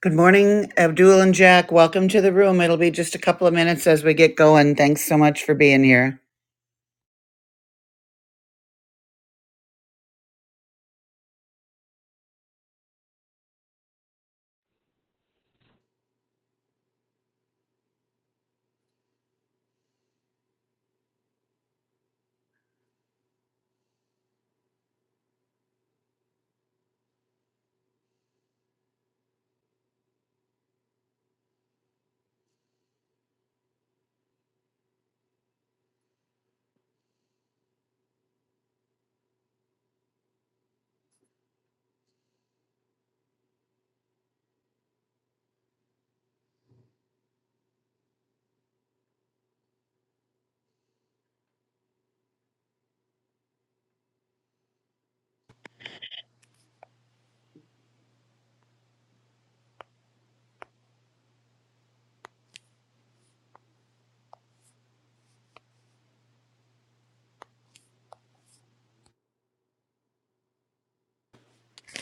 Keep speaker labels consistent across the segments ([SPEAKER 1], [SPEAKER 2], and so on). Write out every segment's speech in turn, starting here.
[SPEAKER 1] Good morning, Abdul and Jack. Welcome to the room. It'll be just a couple of minutes as we get going. Thanks so much for being here.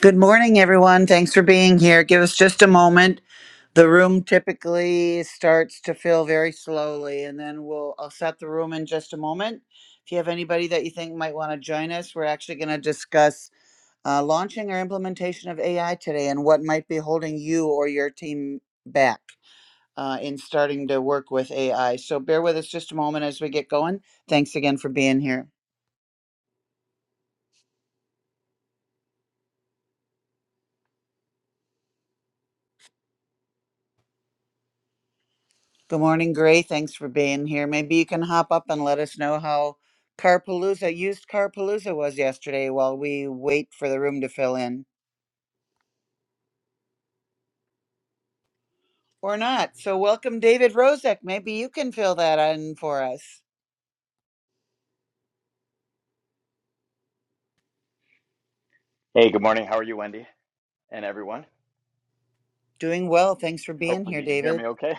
[SPEAKER 1] Good morning, everyone. Thanks for being here. Give us just a moment. The room typically starts to fill very slowly, and then we'll I'll set the room in just a moment. If you have anybody that you think might want to join us, we're actually going to discuss uh, launching or implementation of AI today and what might be holding you or your team back. uh, in starting to work with AI. So bear with us just a moment as we get going. Thanks again for being here. Good morning, Gray. Thanks for being here. Maybe you can hop up and let us know how Carpalooza, used Carpalooza was yesterday while we wait for the room to fill in or not. So welcome, David Rozek. Maybe you can fill that in for us.
[SPEAKER 2] Hey, good morning. How are you, Wendy, and everyone?
[SPEAKER 1] Doing well. Thanks for being
[SPEAKER 2] Hopefully,
[SPEAKER 1] here,
[SPEAKER 2] you can hear
[SPEAKER 1] David.
[SPEAKER 2] me okay.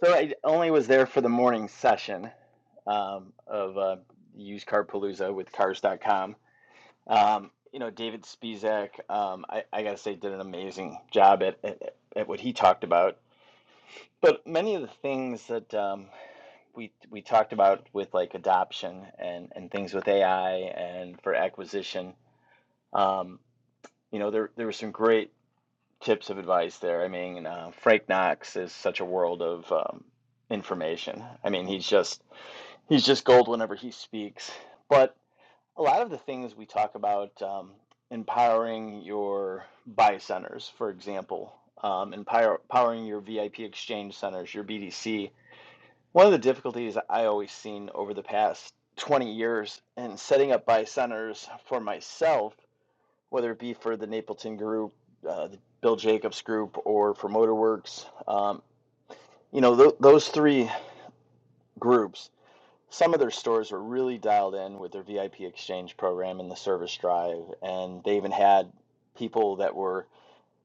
[SPEAKER 2] So, I only was there for the morning session um, of uh, Used Car Palooza with Cars.com. Um, you know, David Spizak, um, I, I got to say, did an amazing job at, at, at what he talked about. But many of the things that um, we we talked about with like adoption and, and things with AI and for acquisition, um, you know, there there were some great tips of advice there. I mean, uh, Frank Knox is such a world of um, information. I mean, he's just he's just gold whenever he speaks. But a lot of the things we talk about, um, empowering your buy centers, for example, um, empower, empowering your VIP exchange centers, your BDC. One of the difficulties I always seen over the past 20 years in setting up buy centers for myself whether it be for the Napleton Group, uh, the Bill Jacobs Group, or for Motorworks. Um, you know, th- those three groups, some of their stores were really dialed in with their VIP exchange program and the service drive. And they even had people that were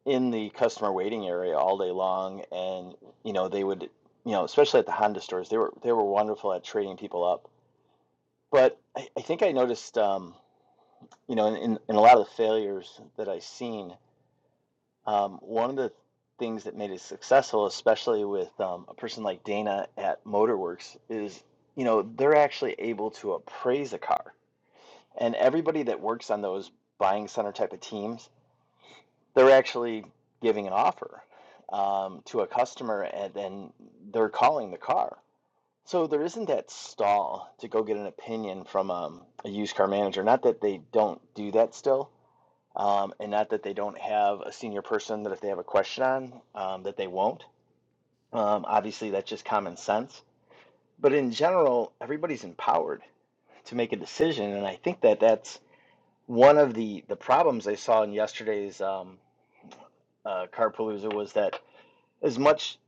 [SPEAKER 2] in the customer waiting area all day long. And, you know, they would, you know, especially at the Honda stores, they were, they were wonderful at trading people up. But I, I think I noticed, um, you know, in, in a lot of the failures that I've seen, Um, one of the things that made it successful, especially with um, a person like Dana at Motorworks, is you know they're actually able to appraise a car, and everybody that works on those buying center type of teams, they're actually giving an offer um, to a customer, and then they're calling the car. So there isn't that stall to go get an opinion from um, a used car manager. Not that they don't do that still, um, and not that they don't have a senior person that if they have a question on um, that they won't um, obviously that's just common sense but in general everybody's empowered to make a decision and i think that that's one of the the problems i saw in yesterday's um, uh, carpalooza was that as much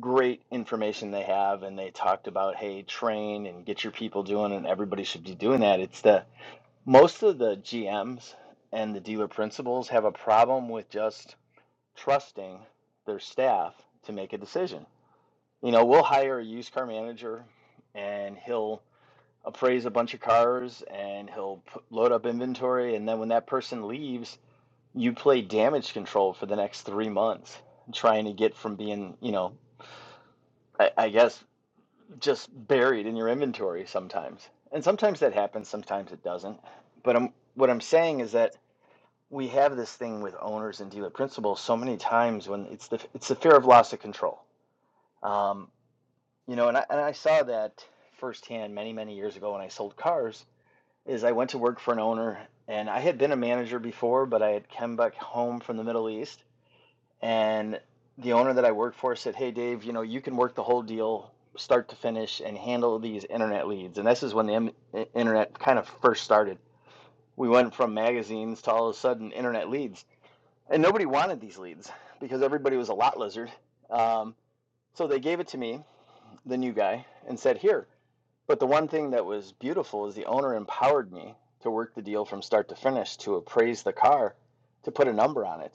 [SPEAKER 2] great information they have and they talked about hey train and get your people doing and everybody should be doing that it's the most of the gms and the dealer principals have a problem with just trusting their staff to make a decision. You know, we'll hire a used car manager and he'll appraise a bunch of cars and he'll put, load up inventory. And then when that person leaves, you play damage control for the next three months, trying to get from being, you know, I, I guess just buried in your inventory sometimes. And sometimes that happens, sometimes it doesn't. But I'm, what I'm saying is that we have this thing with owners and dealer principals so many times when it's the it's the fear of loss of control Um, you know, and I, and I saw that firsthand many, many years ago when I sold cars. Is I went to work for an owner, and I had been a manager before, but I had come back home from the Middle East, and the owner that I worked for said, "Hey, Dave, you know, you can work the whole deal, start to finish, and handle these internet leads." And this is when the im- internet kind of first started. We went from magazines to all of a sudden internet leads, and nobody wanted these leads because everybody was a lot lizard. Um, so they gave it to me, the new guy, and said, "Here, But the one thing that was beautiful is the owner empowered me to work the deal from start to finish, to appraise the car, to put a number on it,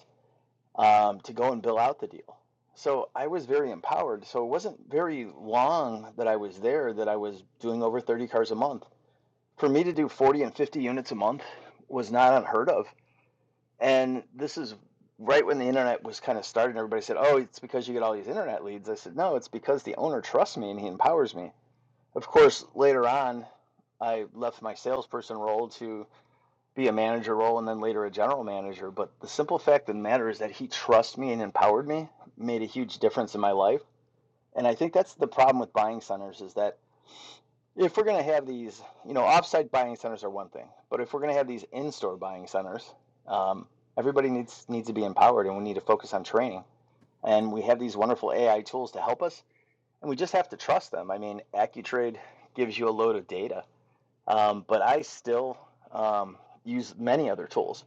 [SPEAKER 2] um, to go and bill out the deal. So I was very empowered. So it wasn't very long that I was there that I was doing over 30 cars a month. For me to do 40 and 50 units a month was not unheard of. And this is right when the internet was kind of starting. Everybody said, Oh, it's because you get all these internet leads. I said, No, it's because the owner trusts me and he empowers me. Of course, later on, I left my salesperson role to be a manager role and then later a general manager. But the simple fact of the matter is that he trusts me and empowered me, made a huge difference in my life. And I think that's the problem with buying centers is that if we're going to have these, you know, offsite buying centers are one thing, but if we're going to have these in-store buying centers, um, everybody needs needs to be empowered, and we need to focus on training. And we have these wonderful AI tools to help us, and we just have to trust them. I mean, AccuTrade gives you a load of data um, but I still um, use many other tools.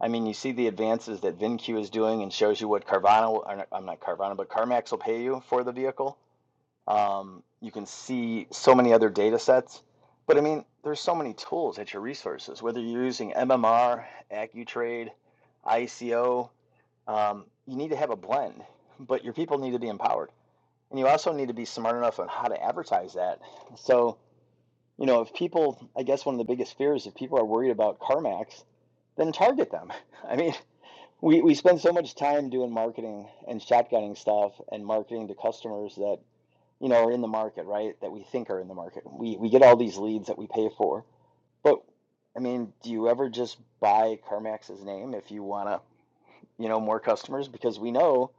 [SPEAKER 2] I mean, you see the advances that VinQ is doing and shows you what Carvana, or not, I'm not Carvana, but CarMax will pay you for the vehicle. Um, you can see so many other data sets. But I mean, there's so many tools at your resources, whether you're using MMR, AccuTrade, ICO, um, you need to have a blend, but your people need to be empowered. And you also need to be smart enough on how to advertise that. So, you know, if people, I guess one of the biggest fears, if people are worried about CarMax, then target them. I mean, we, we spend so much time doing marketing and shotgunning stuff and marketing to customers that, you know, are in the market, right? That we think are in the market. We, we get all these leads that we pay for. But I mean, do you ever just buy CarMax's name if you want to, you know, more customers? Because we know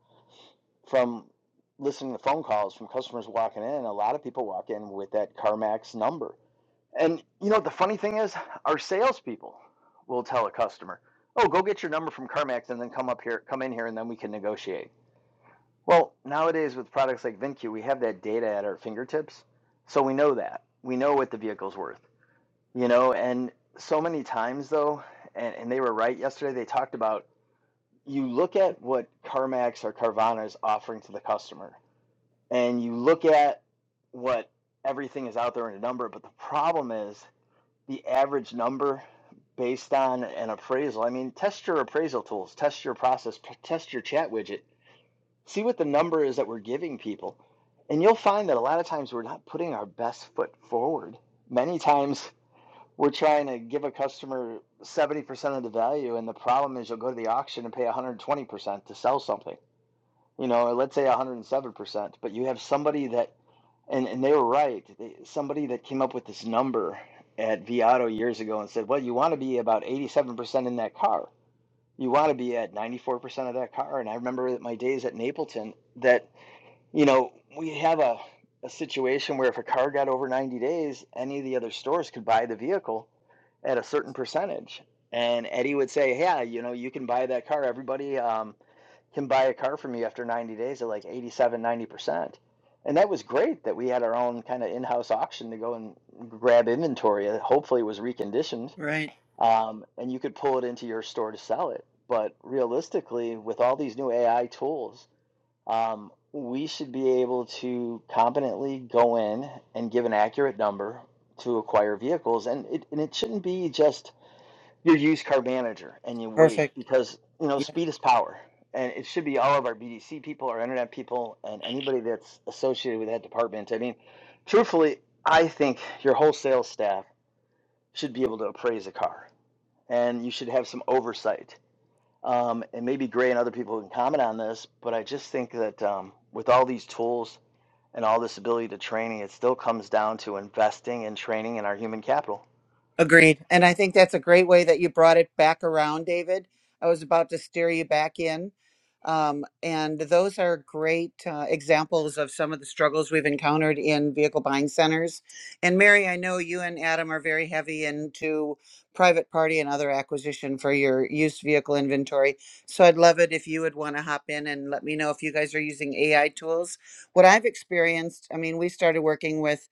[SPEAKER 2] from listening to phone calls from customers walking in, a lot of people walk in with that CarMax number and you know the funny thing is? Our salespeople will tell a customer, "Oh, go get your number from CarMax and then come up here, come in here, and then we can negotiate." Well, nowadays with products like VinQ, we have that data at our fingertips, so we know that we know what the vehicle's worth. You know, and so many times though, and, and they were right yesterday. They talked about you look at what CarMax or Carvana is offering to the customer, and you look at what everything is out there in a number. But the problem is the average number based on an appraisal. I mean, test your appraisal tools, test your process, test your chat widget, see what the number is that we're giving people. And you'll find that a lot of times we're not putting our best foot forward. Many times we're trying to give a customer 70% of the value, and the problem is you'll go to the auction and pay 120% to sell something you know, let's say 107%, but you have somebody that, and, and they were right, they, somebody that came up with this number at Viato years ago and said, well, you want to be about 87% in that car. You want to be at 94% of that car. And I remember that my days at Napleton that, you know, we have a, a situation where if a car got over 90 days, any of the other stores could buy the vehicle at a certain percentage. And Eddie would say, yeah, you know, you can buy that car. Everybody, um, him buy a car for me after 90 days at like 87, 90%. And that was great that we had our own kind of in house auction to go and grab inventory. Hopefully, it was reconditioned
[SPEAKER 1] Right.
[SPEAKER 2] um, and you could pull it into your store to sell it. But realistically, with all these new AI tools, um, we should be able to competently go in and give an accurate number to acquire vehicles. And it, and it shouldn't be just your used car manager and you wait
[SPEAKER 1] Perfect.
[SPEAKER 2] because you know
[SPEAKER 1] Yeah.
[SPEAKER 2] speed is power and it should be all of our bdc people our internet people and anybody that's associated with that department i mean truthfully i think your whole sales staff should be able to appraise a car and you should have some oversight um, and maybe gray and other people can comment on this but i just think that um, with all these tools and all this ability to training it still comes down to investing in training and our human capital
[SPEAKER 1] Agreed. And I think that's a great way that you brought it back around, David. I was about to steer you back in. Um, and those are great uh, examples of some of the struggles we've encountered in vehicle buying centers. And Mary, I know you and Adam are very heavy into private party and other acquisition for your used vehicle inventory. So I'd love it if you would want to hop in and let me know if you guys are using AI tools. What I've experienced, I mean, we started working with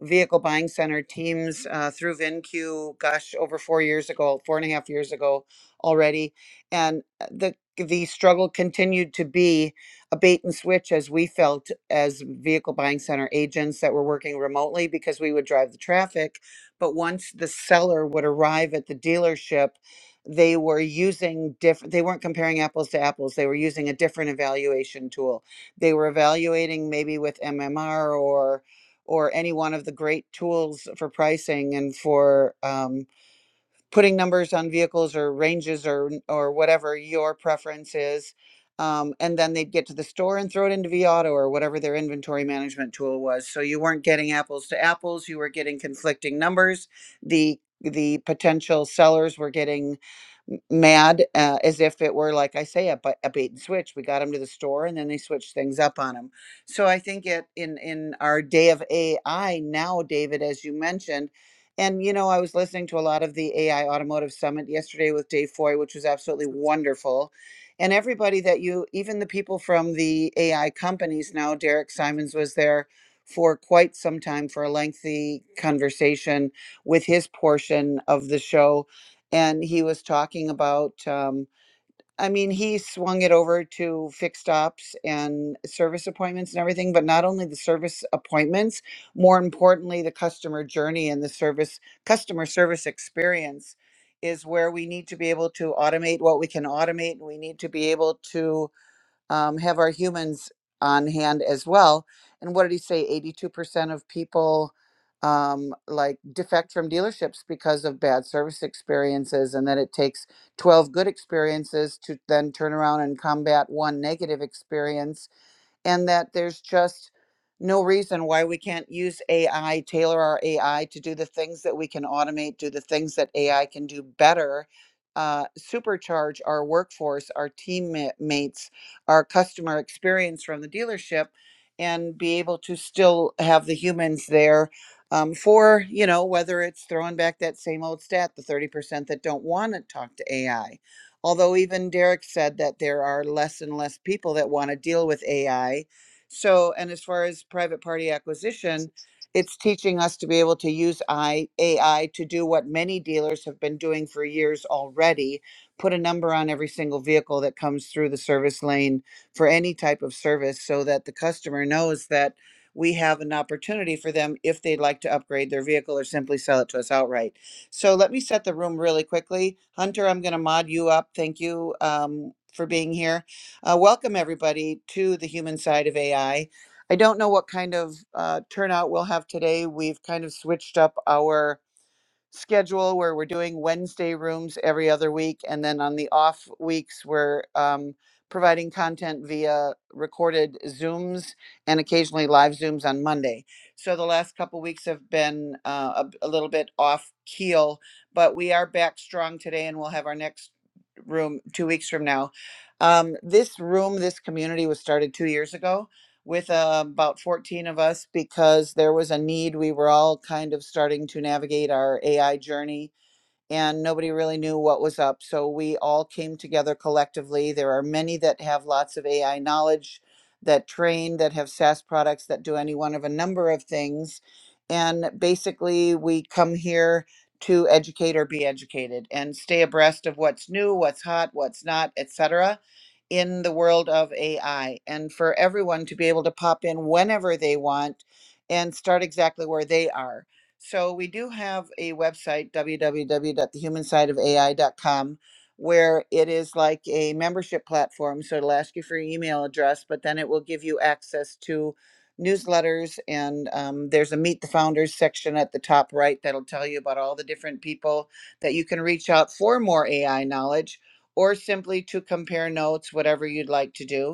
[SPEAKER 1] vehicle buying center teams uh, through VinQ, gosh, over four years ago, four and a half years ago already. And uh, the the struggle continued to be a bait and switch as we felt as vehicle buying center agents that were working remotely because we would drive the traffic. But once the seller would arrive at the dealership, they were using different, they weren't comparing apples to apples. They were using a different evaluation tool. They were evaluating maybe with MMR or or any one of the great tools for pricing and for um, putting numbers on vehicles or ranges or or whatever your preference is. Um, and then they'd get to the store and throw it into V or whatever their inventory management tool was. So you weren't getting apples to apples. You were getting conflicting numbers. The the potential sellers were getting m- mad uh, as if it were like I say a, bu- a bait and switch. We got them to the store and then they switched things up on them. So I think it in in our day of AI now, David, as you mentioned and you know, I was listening to a lot of the AI Automotive Summit yesterday with Dave Foy, which was absolutely wonderful. And everybody that you, even the people from the AI companies now, Derek Simons was there for quite some time for a lengthy conversation with his portion of the show. And he was talking about. um, I mean, he swung it over to fixed stops and service appointments and everything, but not only the service appointments, more importantly, the customer journey and the service customer service experience is where we need to be able to automate what we can automate. and We need to be able to um, have our humans on hand as well. And what did he say? 82% of people um, like defect from dealerships because of bad service experiences, and that it takes 12 good experiences to then turn around and combat one negative experience and that there's just no reason why we can't use AI, tailor our AI to do the things that we can automate, do the things that AI can do better, uh, supercharge our workforce, our teammates, our customer experience from the dealership, and be able to still have the humans there um, for, you know, whether it's throwing back that same old stat, the 30% that don't want to talk to AI Although even Derek said that there are less and less people that want to deal with AI. So, and as far as private party acquisition, it's teaching us to be able to use I, AI to do what many dealers have been doing for years already put a number on every single vehicle that comes through the service lane for any type of service so that the customer knows that we have an opportunity for them if they'd like to upgrade their vehicle or simply sell it to us outright so let me set the room really quickly. Hunter, I'm going to mod you up. Thank you um, for being here. Uh, welcome, everybody, to the human side of AI. I I don't know what kind of uh, turnout we'll have today. We've kind of switched up our schedule where we're doing Wednesday rooms every other week. And then on the off weeks, we're um, providing content via recorded Zooms and occasionally live Zooms on Monday. So the last couple weeks have been uh, a, a little bit off keel, but we are back strong today and we'll have our next room two weeks from now. Um, this room, this community was started two years ago with uh, about 14 of us because there was a need. We were all kind of starting to navigate our AI journey and nobody really knew what was up. So we all came together collectively. There are many that have lots of AI knowledge, that train, that have SaaS products, that do any one of a number of things. And basically, we come here to educate or be educated and stay abreast of what's new, what's hot, what's not, etc. in the world of AI and for everyone to be able to pop in whenever they want and start exactly where they are so we do have a website, w w w dot the human side of a i dot com where it is like a membership platform. So it'll ask you for your email address, but then it will give you access to newsletters. And um, there's a Meet the Founders section at the top right that'll tell you about all the different people that you can reach out for more AI knowledge or simply to compare notes, whatever you'd like to do.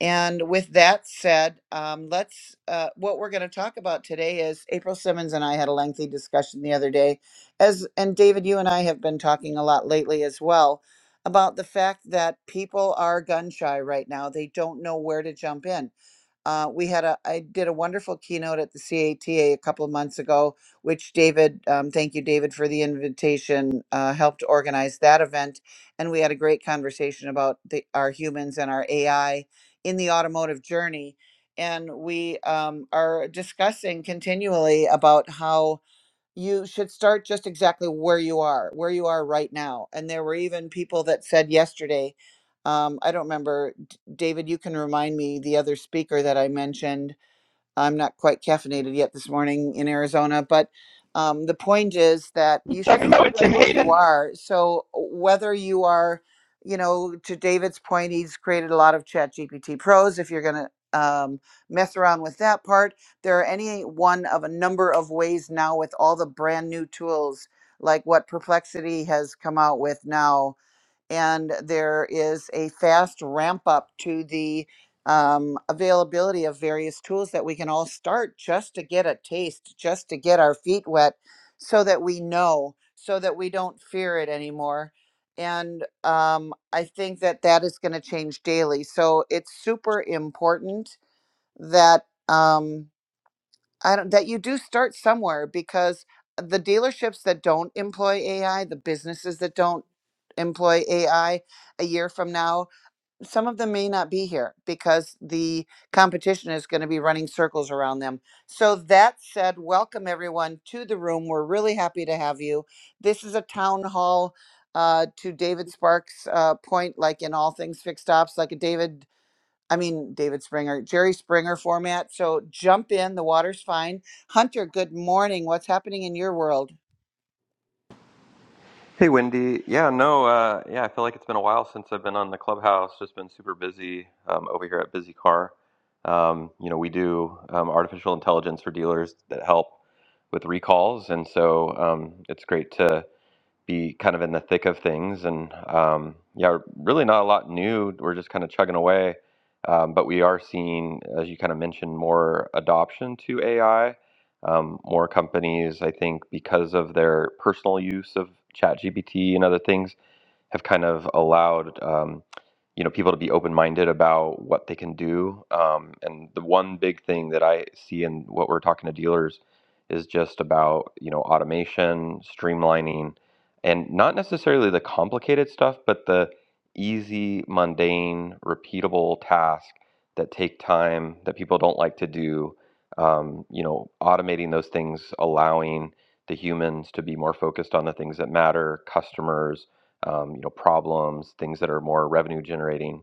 [SPEAKER 1] And with that said, um, let's. Uh, what we're going to talk about today is April Simmons and I had a lengthy discussion the other day, as and David, you and I have been talking a lot lately as well about the fact that people are gun shy right now. They don't know where to jump in uh, we had a, I did a wonderful keynote at the CATA a T A a couple of months ago, which David, um, thank you, David, for the invitation, uh, helped organize that event. And we had a great conversation about the, our humans and our AI in the automotive journey. And we um, are discussing continually about how you should start just exactly where you are, where you are right now. And there were even people that said yesterday, um, I don't remember, D- David, you can remind me the other speaker that I mentioned I'm not quite caffeinated yet this morning in Arizona, but um, the point is that
[SPEAKER 2] You're
[SPEAKER 1] you should
[SPEAKER 2] Talking about
[SPEAKER 1] start
[SPEAKER 2] with
[SPEAKER 1] right
[SPEAKER 2] Tim
[SPEAKER 1] where you
[SPEAKER 2] Hayden.
[SPEAKER 1] are. So whether you are, you know, to David's point, he's created a lot of Chat GPT pros. If you're gonna um, mess around with that part, there are any one of a number of ways now with all the brand new tools like what Perplexity has come out with now and there is a fast ramp up to the um, availability of various tools that we can all start just to get a taste, just to get our feet wet, so that we know, so that we don't fear it anymore. And um, I think that that is going to change daily. So it's super important that. Um, I don't, that you do start somewhere because the dealerships that don't employ AI, the businesses that don't employ AI a year from now, some of them may not be here because the competition is going to be running circles around them. So, that said, welcome everyone to the room. We're really happy to have you. This is a town hall. Uh, to David Sparks' uh, point, like in all things fixed ops, like a David I mean, David Springer, Jerry Springer format. So jump in. The water's fine. Hunter, good morning. What's happening in your world?
[SPEAKER 3] Hey Wendy, yeah, no, uh, yeah, I feel like it's been a while since I've been on the clubhouse. Just been super busy um, over here at Busy Car. Um, you know, we do um, artificial intelligence for dealers that help with recalls, and so um, it's great to be kind of in the thick of things. And um, yeah, really not a lot new. We're just kind of chugging away. Um, but we are seeing, as you kind of mentioned, more adoption to AI. Um, more companies, I think, because of their personal use of ChatGPT and other things, have kind of allowed um, you know people to be open-minded about what they can do um, and the one big thing that i see in what we're talking to dealers is just about you know automation streamlining and not necessarily the complicated stuff but the easy mundane repeatable task that take time that people don't like to do um, you know automating those things allowing the humans to be more focused on the things that matter customers um, you know, problems, things that are more revenue generating.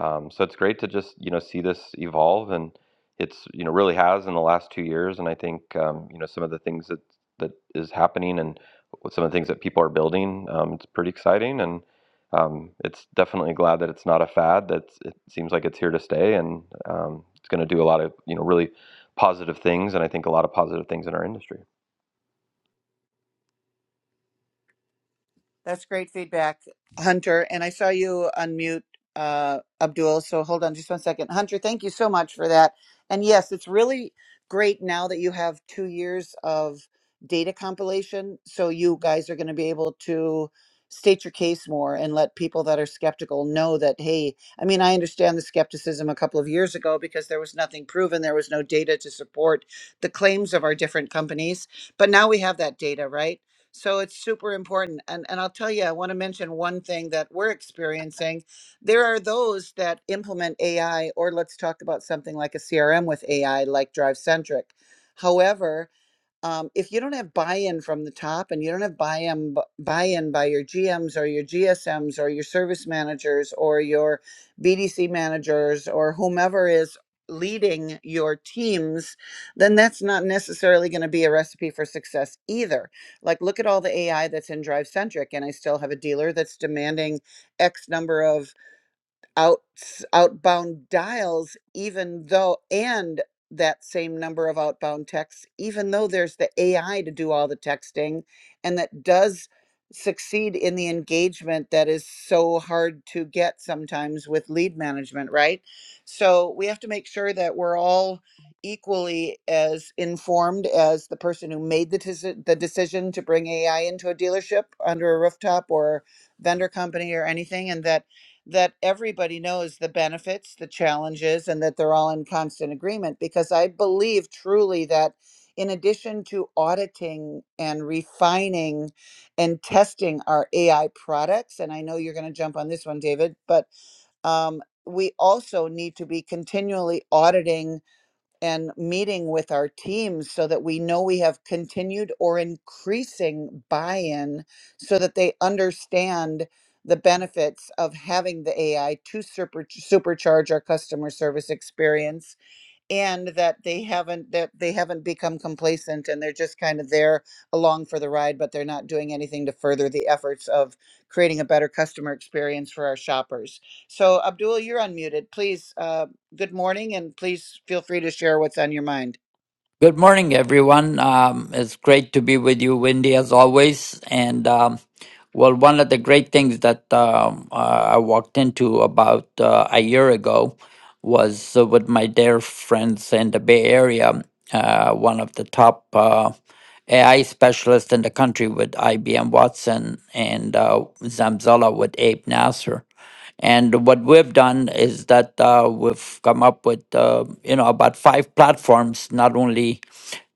[SPEAKER 3] Um, so it's great to just you know see this evolve, and it's you know really has in the last two years. And I think um, you know some of the things that that is happening and with some of the things that people are building, um, it's pretty exciting. And um, it's definitely glad that it's not a fad. That it seems like it's here to stay, and um, it's going to do a lot of you know really positive things, and I think a lot of positive things in our industry.
[SPEAKER 1] That's great feedback, Hunter. And I saw you unmute uh, Abdul. So hold on just one second. Hunter, thank you so much for that. And yes, it's really great now that you have two years of data compilation. So you guys are going to be able to state your case more and let people that are skeptical know that, hey, I mean, I understand the skepticism a couple of years ago because there was nothing proven, there was no data to support the claims of our different companies. But now we have that data, right? So it's super important. And, and I'll tell you, I want to mention one thing that we're experiencing. There are those that implement AI, or let's talk about something like a CRM with AI, like DriveCentric. However, um, if you don't have buy-in from the top and you don't have buy-in b- buy-in by your GMs or your GSMs or your service managers or your BDC managers or whomever is leading your teams, then that's not necessarily going to be a recipe for success either. Like look at all the AI that's in Drive Centric and I still have a dealer that's demanding X number of out outbound dials even though and that same number of outbound texts even though there's the AI to do all the texting and that does succeed in the engagement that is so hard to get sometimes with lead management right so we have to make sure that we're all equally as informed as the person who made the, deci- the decision to bring AI into a dealership under a rooftop or vendor company or anything and that that everybody knows the benefits, the challenges, and that they're all in constant agreement because I believe truly that in addition to auditing and refining and testing our AI products, and I know you're going to jump on this one, David, but um, we also need to be continually auditing and meeting with our teams so that we know we have continued or increasing buy in so that they understand the benefits of having the AI to super, supercharge our customer service experience and that they haven't that they haven't become complacent and they're just kind of there along for the ride but they're not doing anything to further the efforts of creating a better customer experience for our shoppers so abdul you're unmuted please uh, good morning and please feel free to share what's on your mind
[SPEAKER 4] Good morning, everyone. Um, it's great to be with you, Wendy, as always. And um, well, one of the great things that um, uh, I walked into about uh, a year ago was uh, with my dear friends in the Bay Area, uh, one of the top uh, AI specialists in the country with IBM Watson and uh, Zamzala with Abe Nasser. And what we've done is that uh, we've come up with uh, you know about five platforms, not only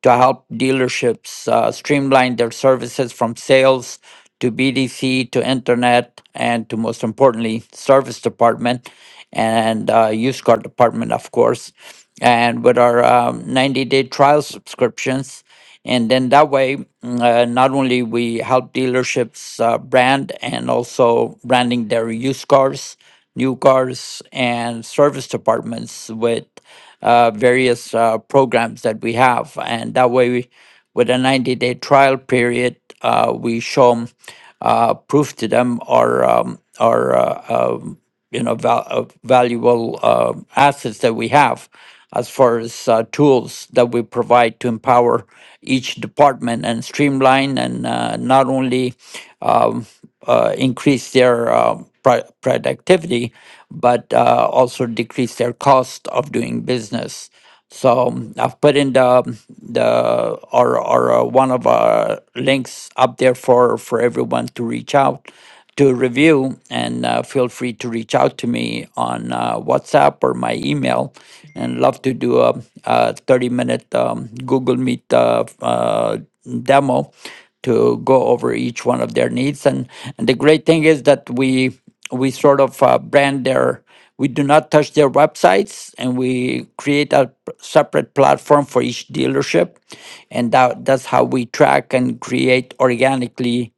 [SPEAKER 4] to help dealerships uh, streamline their services from sales to BDC to internet and to most importantly service department and uh, used car department of course and with our um, 90 day trial subscriptions and then that way mm, uh, not only we help dealerships uh, brand and also branding their used cars new cars and service departments with uh, various uh, programs that we have. And that way, we, with a 90 day trial period, uh, we show 'em, uh, proof to them or, um, or uh, um, you know, val- uh, valuable uh, assets that we have as far as uh, tools that we provide to empower each department and streamline and uh, not only um, uh, increase their um, pro- productivity, but uh, also decrease their cost of doing business. So um, I've put in the um, the or or uh, one of our links up there for for everyone to reach out to review, and uh, feel free to reach out to me on uh, WhatsApp or my email, and love to do a, a thirty minute um, Google Meet uh, uh, demo to go over each one of their needs. And, and the great thing is that we we sort of uh, brand their we do not touch their websites and we create a p- separate platform for each dealership and that, that's how we track and create organically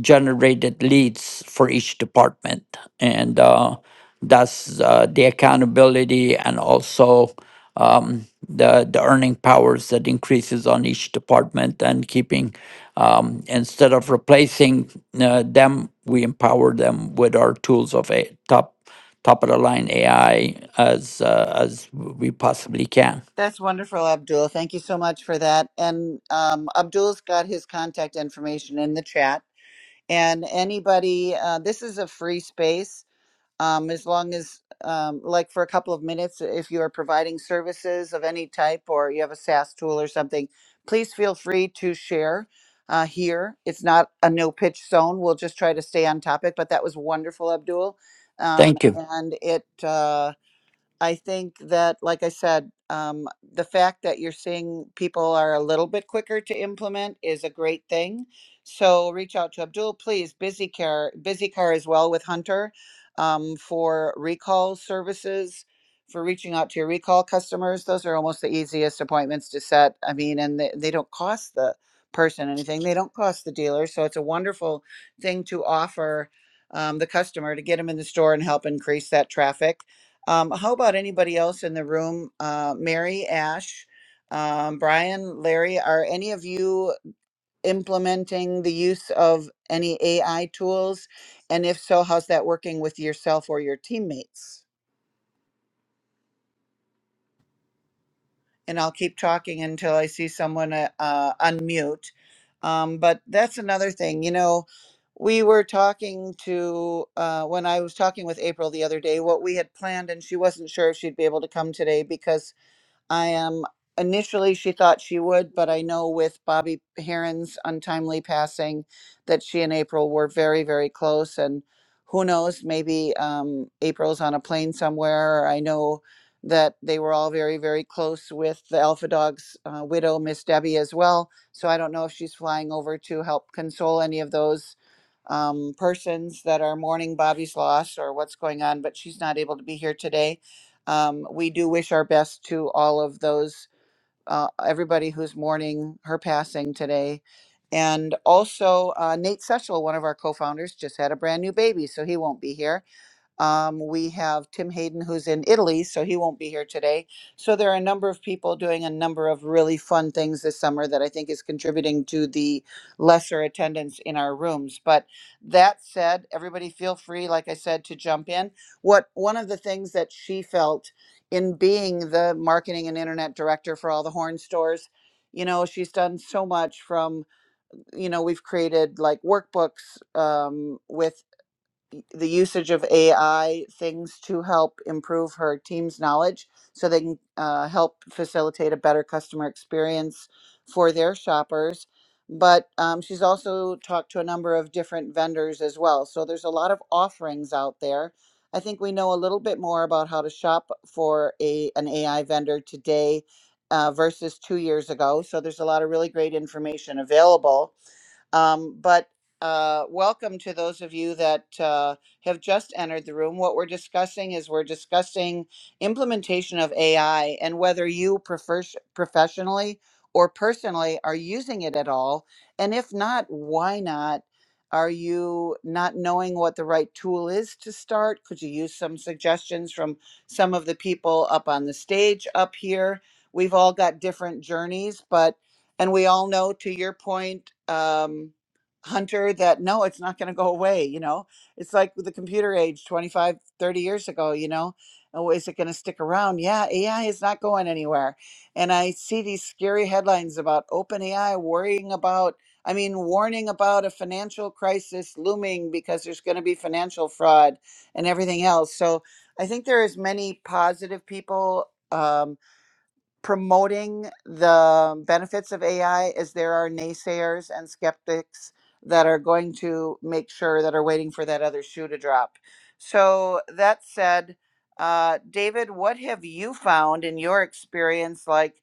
[SPEAKER 4] generated leads for each department and uh, that's uh, the accountability and also um, the the earning powers that increases on each department and keeping um, instead of replacing uh, them, we empower them with our tools of a top top of the line AI as uh, as we possibly can.
[SPEAKER 1] that's wonderful abdul thank you so much for that and um, abdul's got his contact information in the chat and anybody uh, this is a free space um, as long as um, like for a couple of minutes if you are providing services of any type or you have a SaaS tool or something, please feel free to share uh, here. It's not a no pitch zone. We'll just try to stay on topic. But that was wonderful, Abdul, um,
[SPEAKER 4] Thank you.
[SPEAKER 1] and it. Uh, I think that, like I said, um, the fact that you're seeing people are a little bit quicker to implement is a great thing. So reach out to Abdul, please. Busy Care, Busy Car as well with Hunter um, for recall services, for reaching out to your recall customers. Those are almost the easiest appointments to set. I mean, and they, they don't cost the person anything, they don't cost the dealer. So it's a wonderful thing to offer um, the customer to get them in the store and help increase that traffic um, how about anybody else in the room? Uh, Mary, Ash, um, Brian, Larry, are any of you implementing the use of any AI tools? And if so, how's that working with yourself or your teammates? And I'll keep talking until I see someone uh, uh, unmute. Um, but that's another thing, you know. We were talking to uh, when I was talking with April the other day what we had planned, and she wasn't sure if she'd be able to come today because I am initially she thought she would, but I know with Bobby Heron's untimely passing that she and April were very, very close. And who knows, maybe um, April's on a plane somewhere. I know that they were all very, very close with the Alpha Dog's uh, widow, Miss Debbie, as well. So I don't know if she's flying over to help console any of those um, persons that are mourning Bobby's loss or what's going on, but she's not able to be here today um, we do wish our best to all of those, uh, everybody who's mourning her passing today. And also, uh, Nate Sechel, one of our co founders, just had a brand new baby, so he won't be here. Um, we have Tim Hayden, who's in Italy, so he won't be here today. So there are a number of people doing a number of really fun things this summer that I think is contributing to the lesser attendance in our rooms. But that said, everybody feel free, like I said, to jump in. What one of the things that she felt in being the marketing and internet director for all the horn stores, you know, she's done so much from you know we've created like workbooks um, with the usage of AI things to help improve her team's knowledge so they can uh, help facilitate a better customer experience for their shoppers. But um, she's also talked to a number of different vendors as well. So there's a lot of offerings out there. I think we know a little bit more about how to shop for a an AI vendor today uh, versus two years ago. So there's a lot of really great information available. Um, but uh, welcome to those of you that uh, have just entered the room. What we're discussing is we're discussing implementation of AI and whether you prefer professionally or personally are using it at all. And if not, why not? Are you not knowing what the right tool is to start? Could you use some suggestions from some of the people up on the stage up here? We've all got different journeys, but, and we all know to your point, um, hunter that no it's not going to go away you know it's like with the computer age 25 30 years ago you know oh is it going to stick around yeah ai is not going anywhere and i see these scary headlines about open ai worrying about i mean warning about a financial crisis looming because there's going to be financial fraud and everything else so i think there is many positive people um, promoting the benefits of AI as there are naysayers and skeptics that are going to make sure that are waiting for that other shoe to drop. So, that said, uh, David, what have you found in your experience? Like,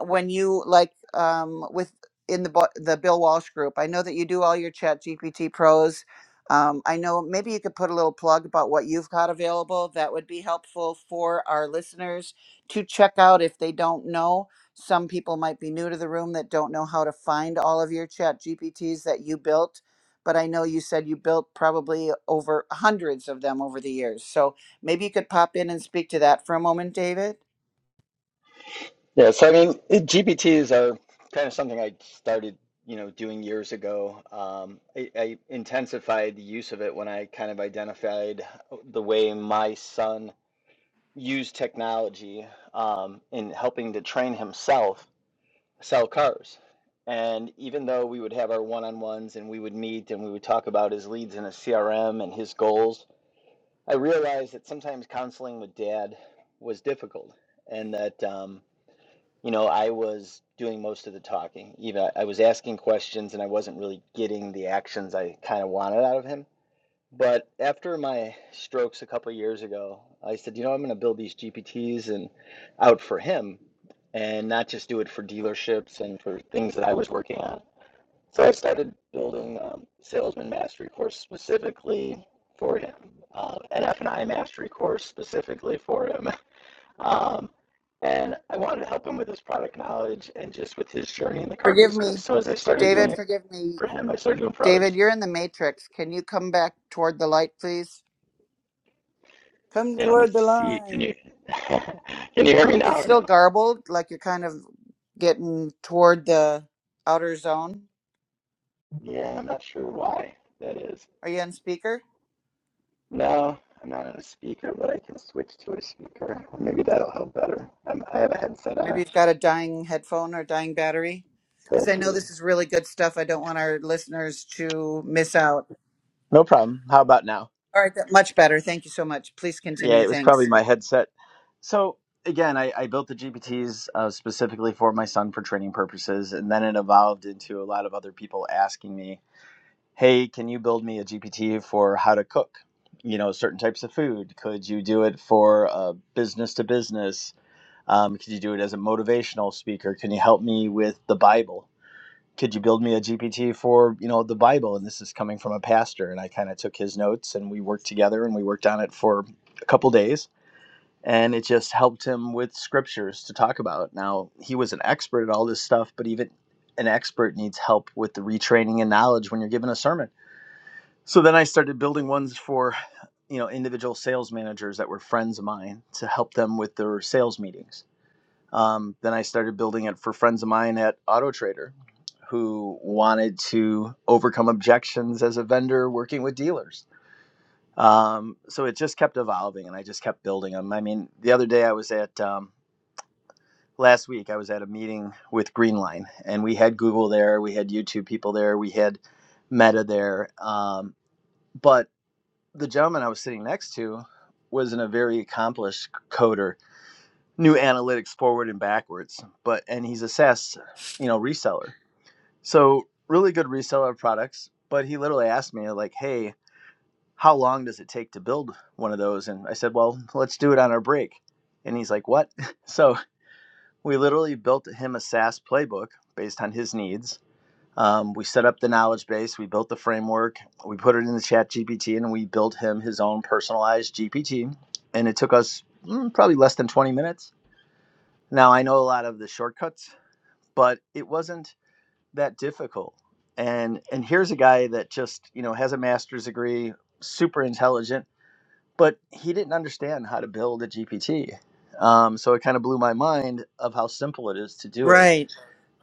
[SPEAKER 1] when you like um, with in the Bo- the Bill Walsh group. I know that you do all your Chat GPT pros. Um, I know maybe you could put a little plug about what you've got available. That would be helpful for our listeners to check out if they don't know. Some people might be new to the room that don't know how to find all of your Chat GPTs that you built. But I know you said you built probably over hundreds of them over the years. So maybe you could pop in and speak to that for a moment, David.
[SPEAKER 2] Yeah, so I mean, it- GPTs are kind of something I started, you know, doing years ago. Um, I, I intensified the use of it when I kind of identified the way my son used technology um, in helping to train himself sell cars. And even though we would have our one-on-ones and we would meet and we would talk about his leads in his CRM and his goals, I realized that sometimes counseling with dad was difficult and that um, you know, I was doing most of the talking. Even I was asking questions and I wasn't really getting the actions I kind of wanted out of him. But after my strokes a couple of years ago, I said, you know, I'm going to build these GPTs and out for him and not just do it for dealerships and for things that I was working on. So I started building um, salesman mastery course specifically for him, uh, an F&I mastery course specifically for him. Um, and I wanted to help him with his product knowledge and just with his journey in the car
[SPEAKER 1] Forgive
[SPEAKER 2] business.
[SPEAKER 1] me,
[SPEAKER 2] So as I started doing
[SPEAKER 1] David.
[SPEAKER 2] it
[SPEAKER 1] Forgive me.
[SPEAKER 2] for him, I started doing it for
[SPEAKER 1] David,
[SPEAKER 2] others.
[SPEAKER 1] you're in the matrix. Can you come back toward the light, please? Come
[SPEAKER 2] And let me
[SPEAKER 1] toward the
[SPEAKER 2] see, can
[SPEAKER 1] light.
[SPEAKER 2] you can you hear me
[SPEAKER 1] It's
[SPEAKER 2] now or
[SPEAKER 1] still
[SPEAKER 2] no?
[SPEAKER 1] garbled, like you're kind of getting toward the outer zone.
[SPEAKER 2] Yeah, I'm not sure why that is.
[SPEAKER 1] Are you on speaker?
[SPEAKER 2] No, I'm not on a speaker, but I can switch to a speaker. Maybe that'll help better. i I have a headset
[SPEAKER 1] Maybe
[SPEAKER 2] on.
[SPEAKER 1] you've got a dying headphone or dying battery. Because
[SPEAKER 2] Could
[SPEAKER 1] I know
[SPEAKER 2] be.
[SPEAKER 1] this is really good stuff. I don't want our listeners to miss out.
[SPEAKER 2] No problem. How about now?
[SPEAKER 1] All right, that, much better. Thank you so much. Please
[SPEAKER 2] Yeah,
[SPEAKER 1] continue.
[SPEAKER 2] it was probably
[SPEAKER 1] Thanks.
[SPEAKER 2] my headset. So again, I, I built the GPTs uh, specifically for my son for training purposes, and then it evolved into a lot of other people asking me, "Hey, can you build me a GPT for how to cook? You know, certain types of food. Could you do it for uh, business to business? Um, could you do it as a motivational speaker? Can you help me with the Bible?" Could you build me a GPT for you know the Bible? And this is coming from a pastor, and I kind of took his notes, and we worked together, and we worked on it for a couple days and it just helped him with scriptures to talk about. Now, he was an expert at all this stuff, but even an expert needs help with the retraining and knowledge when you're giving a sermon. So then I started building ones for, you know, individual sales managers that were friends of mine to help them with their sales meetings. Um, then I started building it for friends of mine at Auto Trader who wanted to overcome objections as a vendor working with dealers. Um, so it just kept evolving, and I just kept building them. I mean, the other day I was at um, last week I was at a meeting with Greenline, and we had Google there, we had YouTube people there, we had Meta there. Um, but the gentleman I was sitting next to was in a very accomplished coder, knew analytics forward and backwards, but and he's a SaaS, you know, reseller. So really good reseller of products. But he literally asked me like, "Hey, how long does it take to build one of those?" And I said, "Well, let's do it on our break." And he's like, "What?" So we literally built him a SaaS playbook based on his needs. Um, we set up the knowledge base, we built the framework, we put it in the chat GPT, and we built him his own personalized GPT. And it took us mm, probably less than 20 minutes. Now, I know a lot of the shortcuts, but it wasn't that difficult. And, and here's a guy that just you know has a master's degree, super intelligent, but he didn't understand how to build a GPT. Um, so it kind of blew my mind of how simple it is to do it
[SPEAKER 1] Right.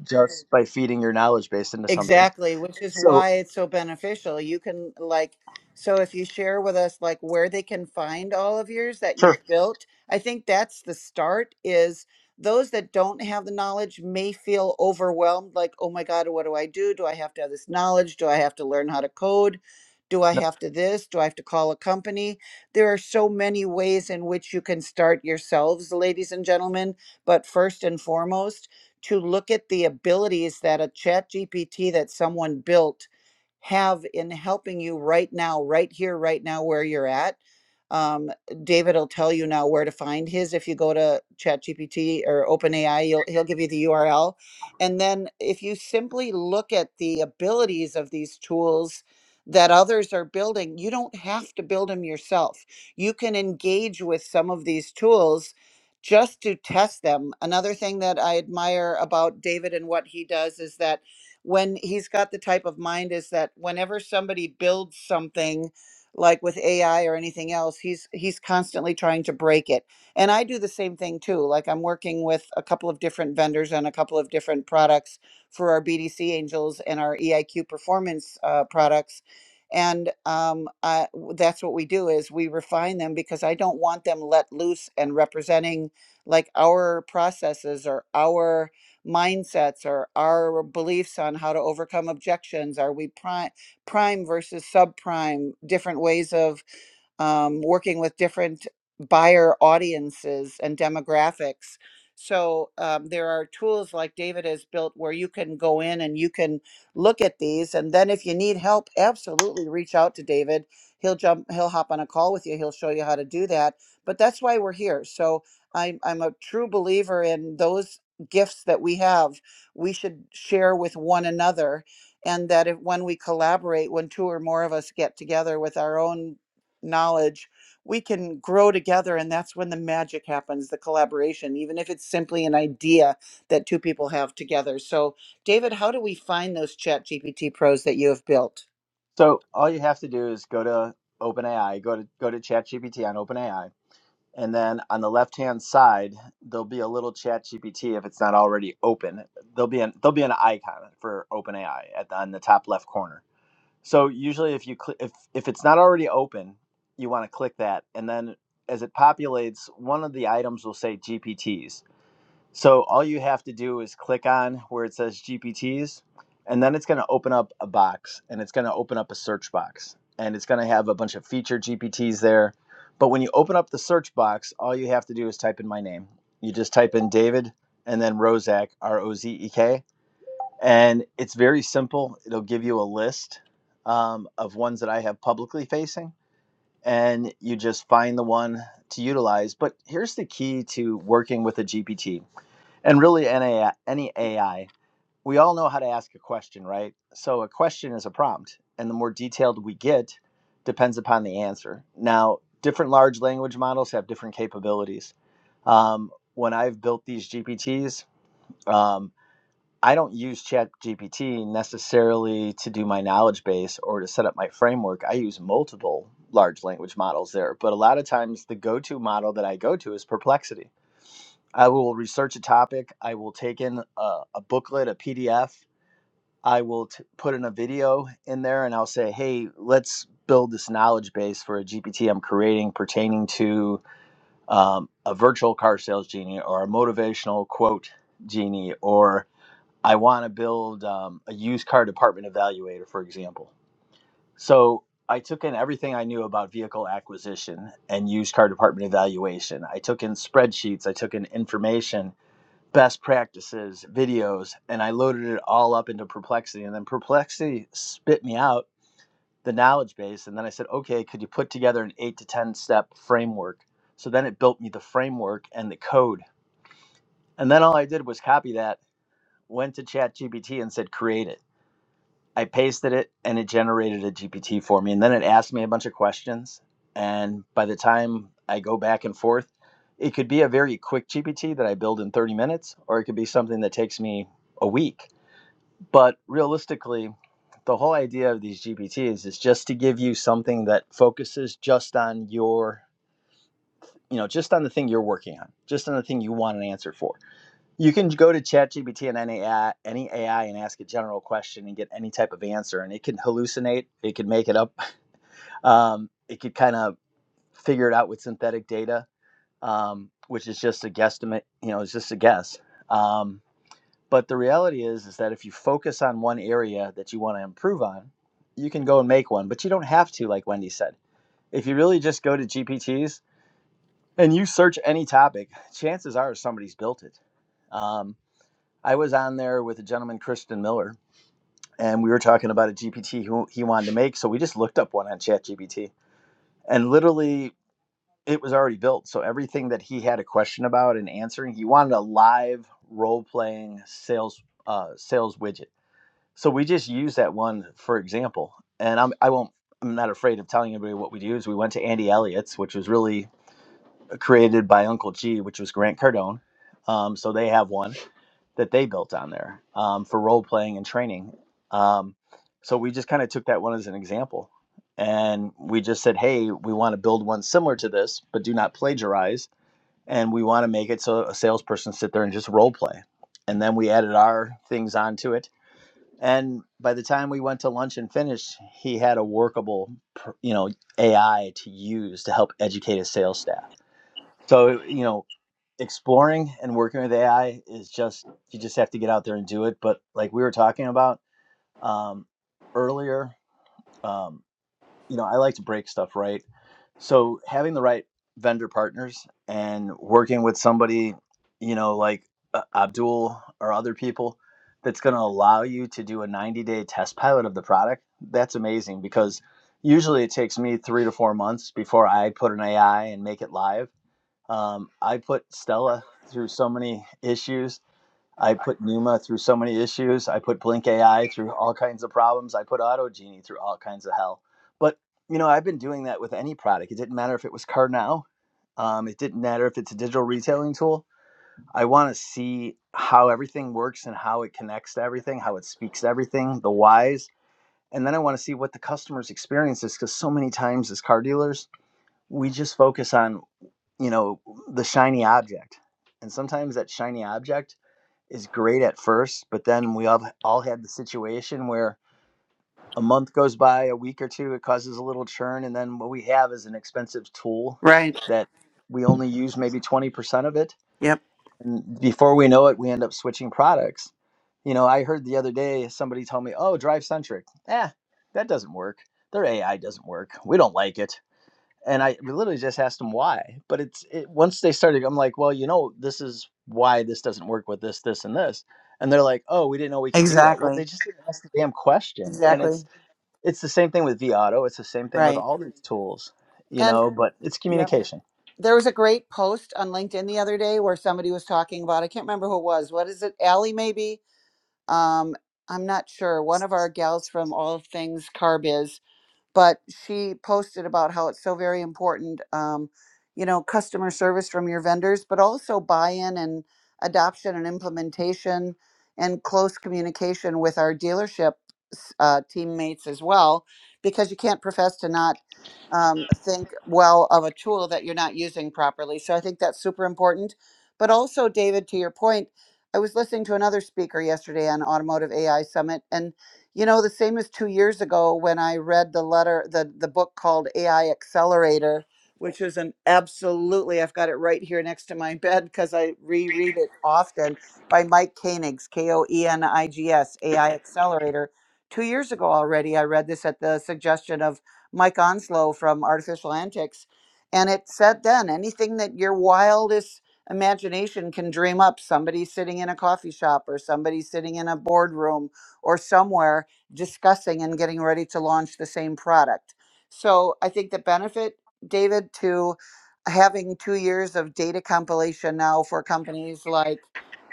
[SPEAKER 2] just by feeding your knowledge base into something.
[SPEAKER 1] Exactly, which is
[SPEAKER 2] So
[SPEAKER 1] why it's so beneficial. You can like so if you share with us like where they can find all of yours that
[SPEAKER 2] Sure.
[SPEAKER 1] you've built, I think that's the start is those that don't have the knowledge may feel overwhelmed like, "Oh my God, what do I do? Do I have to have this knowledge? Do I have to learn how to code? Do I
[SPEAKER 2] no.
[SPEAKER 1] have to this? Do I have to call a company?" There are so many ways in which you can start yourselves, ladies and gentlemen, but first and foremost to look at the abilities that a chat GPT that someone built have in helping you right now, right here, right now, where you're at. Um, David will tell you now where to find his. If you go to ChatGPT or OpenAI, he will he'll give you the URL. And then if you simply look at the abilities of these tools that others are building, you don't have to build them yourself. You can engage with some of these tools just to test them. Another thing that I admire about David and what he does is that when he's got the type of mind is that whenever somebody builds something like with AI or anything else, he's he's constantly trying to break it. And I do the same thing too. Like I'm working with a couple of different vendors on a couple of different products for our BDC Angels and our EIQ performance uh, products. And um, I, w- that's what we do is we refine them because I don't want them let loose and representing like our processes or our mindsets or our beliefs on how to overcome objections are we prime prime versus subprime different ways of um, working with different buyer audiences and demographics. So um, there are tools like David has built where you can go in and you can look at these. And then if you need help, absolutely reach out to David. He'll jump, he'll hop on a call with you. He'll show you how to do that. But that's why we're here. So I'm, I'm a true believer in those gifts that we have we should share with one another and that if when we collaborate when two or more of us get together with our own knowledge we can grow together and that's when the magic happens the collaboration even if it's simply an idea that two people have together so david how do we find those chat gpt pros that you have built
[SPEAKER 2] So all you have to do is go to OpenAI, go to go to ChatGPT on OpenAI, and then on the left hand side there'll be a little ChatGPT if it's not already open. There'll be an there'll be an icon for OpenAI at the, on the top left corner. So usually if you cl- if if it's not already open, you want to click that, and then as it populates, one of the items will say GPTs So all you have to do is click on where it says GPTs, and then it's going to open up a box and it's going to open up a search box and it's going to have a bunch of feature GPTs there. But when you open up the search box, all you have to do is type in my name. You just type in David and then Rozek R O Z E K. And it's very simple. It'll give you a list um, of ones that I have publicly facing, and you just find the one to utilize. But here's the key to working with a GPT and really, any AI, we all know how to ask a question, right? So a question is a prompt, and the more detailed we get, depends upon the answer. Now, different large language models have different capabilities. Um, when I've built these GPTs, um, I don't use ChatGPT necessarily to do my knowledge base or to set up my framework. I use multiple large language models there, but a lot of times the go-to model that I go to is Perplexity I will research a topic. I will take in a, a booklet, a PDF. I will t- put in a video in there and I'll say, hey, let's build this knowledge base for a GPT I'm creating pertaining to um, a virtual car sales genie or a motivational quote genie, or I want to build um, a used car department evaluator, for example. So I took in everything I knew about vehicle acquisition and used car department evaluation. I took in spreadsheets, I took in information best practices, videos, and I loaded it all up into Perplexity. And then Perplexity spit me out the knowledge base. And then I said, okay, could you put together an eight to 10 step framework? So then it built me the framework and the code. And then all I did was copy that, went to ChatGPT and said, create it. I pasted it and it generated a GPT for me. And then it asked me a bunch of questions. And by the time I go back and forth, it could be a very quick GPT that I build in 30 minutes, or it could be something that takes me a week. But realistically, the whole idea of these GPTs is just to give you something that focuses just on your, you know, just on the thing you're working on, just on the thing you want an answer for you can go to ChatGPT and any AI, any AI and ask a general question and get any type of answer, and it can hallucinate, it can make it up, um, it could kind of figure it out with synthetic data, um, which is just a guesstimate. You know, it's just a guess. Um, but the reality is, is that if you focus on one area that you want to improve on, you can go and make one, but you don't have to, like Wendy said. If you really just go to GPTs and you search any topic, chances are somebody's built it. Um, I was on there with a gentleman, Christian Miller, and we were talking about a GPT who he wanted to make. So we just looked up one on ChatGPT, and literally it was already built. So everything that he had a question about and answering, he wanted a live role playing sales uh, sales widget. So we just used that one for example, and I'm I won't. I'm not afraid of telling anybody what we do is We went to Andy Elliott's, which was really created by Uncle G, which was Grant Cardone. Um, so they have one that they built on there um, for role playing and training. Um, so we just kind of took that one as an example. And we just said, hey, we want to build one similar to this, but do not plagiarize. And we want to make it so a salesperson sit there and just role play. And then we added our things onto it. And by the time we went to lunch and finished, he had a workable, you know, AI to use to help educate his sales staff. So, you know, exploring and working with AI is just you just have to get out there and do it. But like we were talking about um, earlier, um, you know, I like to break stuff right. So having the right vendor partners and working with somebody, you know, like uh, Abdul or other people, that's going to allow you to do a 90 day test pilot of the product. That's amazing because usually it takes me three to four months before I put an AI and make it live um, I put Stella through so many issues. I put Numa through so many issues. I put Blink AI through all kinds of problems. I put AutoGenie through all kinds of hell. But you know, I've been doing that with any product. It didn't matter if it was CarNow. Um, it didn't matter if it's a digital retailing tool. I want to see how everything works and how it connects to everything, how it speaks to everything, the whys, and then I want to see what the customer's experience is. Because so many times as car dealers, we just focus on you know the shiny object and sometimes that shiny object is great at first but then we all all had the situation where a month goes by a week or two it causes a little churn and then what we have is an expensive tool
[SPEAKER 1] right
[SPEAKER 2] that we only use maybe 20% of it
[SPEAKER 1] yep
[SPEAKER 2] and before we know it we end up switching products you know i heard the other day somebody tell me oh drive centric eh that doesn't work their ai doesn't work we don't like it and I literally just asked them why. But it's it, once they started, I'm like, well, you know, this is why this doesn't work with this, this, and this. And they're like, oh, we didn't know we could do that. Well, they
[SPEAKER 1] exactly
[SPEAKER 2] just didn't ask the damn question. And
[SPEAKER 1] exactly
[SPEAKER 2] it's it's the same thing with V Auto. It's the same thing with
[SPEAKER 1] right
[SPEAKER 2] all these tools, you
[SPEAKER 1] and
[SPEAKER 2] know. But it's communication.
[SPEAKER 1] There was a great post on LinkedIn the other day where somebody was talking about, I can't remember who it was. What is it? Allie, maybe? Um, I'm not sure. One of our gals from All Things Carb is but she posted about how it's so very important um, you know customer service from your vendors but also buy-in and adoption and implementation and close communication with our dealership uh, teammates as well because you can't profess to not um, think well of a tool that you're not using properly so i think that's super important but also david to your point i was listening to another speaker yesterday on automotive ai summit and you know, the same as two years ago when I read the letter, the, the book called AI Accelerator, which is an absolutely, I've got it right here next to my bed because I reread it often by Mike Koenigs, K O E N I G S, AI Accelerator. Two years ago already, I read this at the suggestion of Mike Onslow from Artificial Antics. And it said then anything that your wildest imagination can dream up, somebody sitting in a coffee shop or somebody sitting in a boardroom or somewhere discussing and getting ready to launch the same product. So I think the benefit, David, to having two years of data compilation now for companies like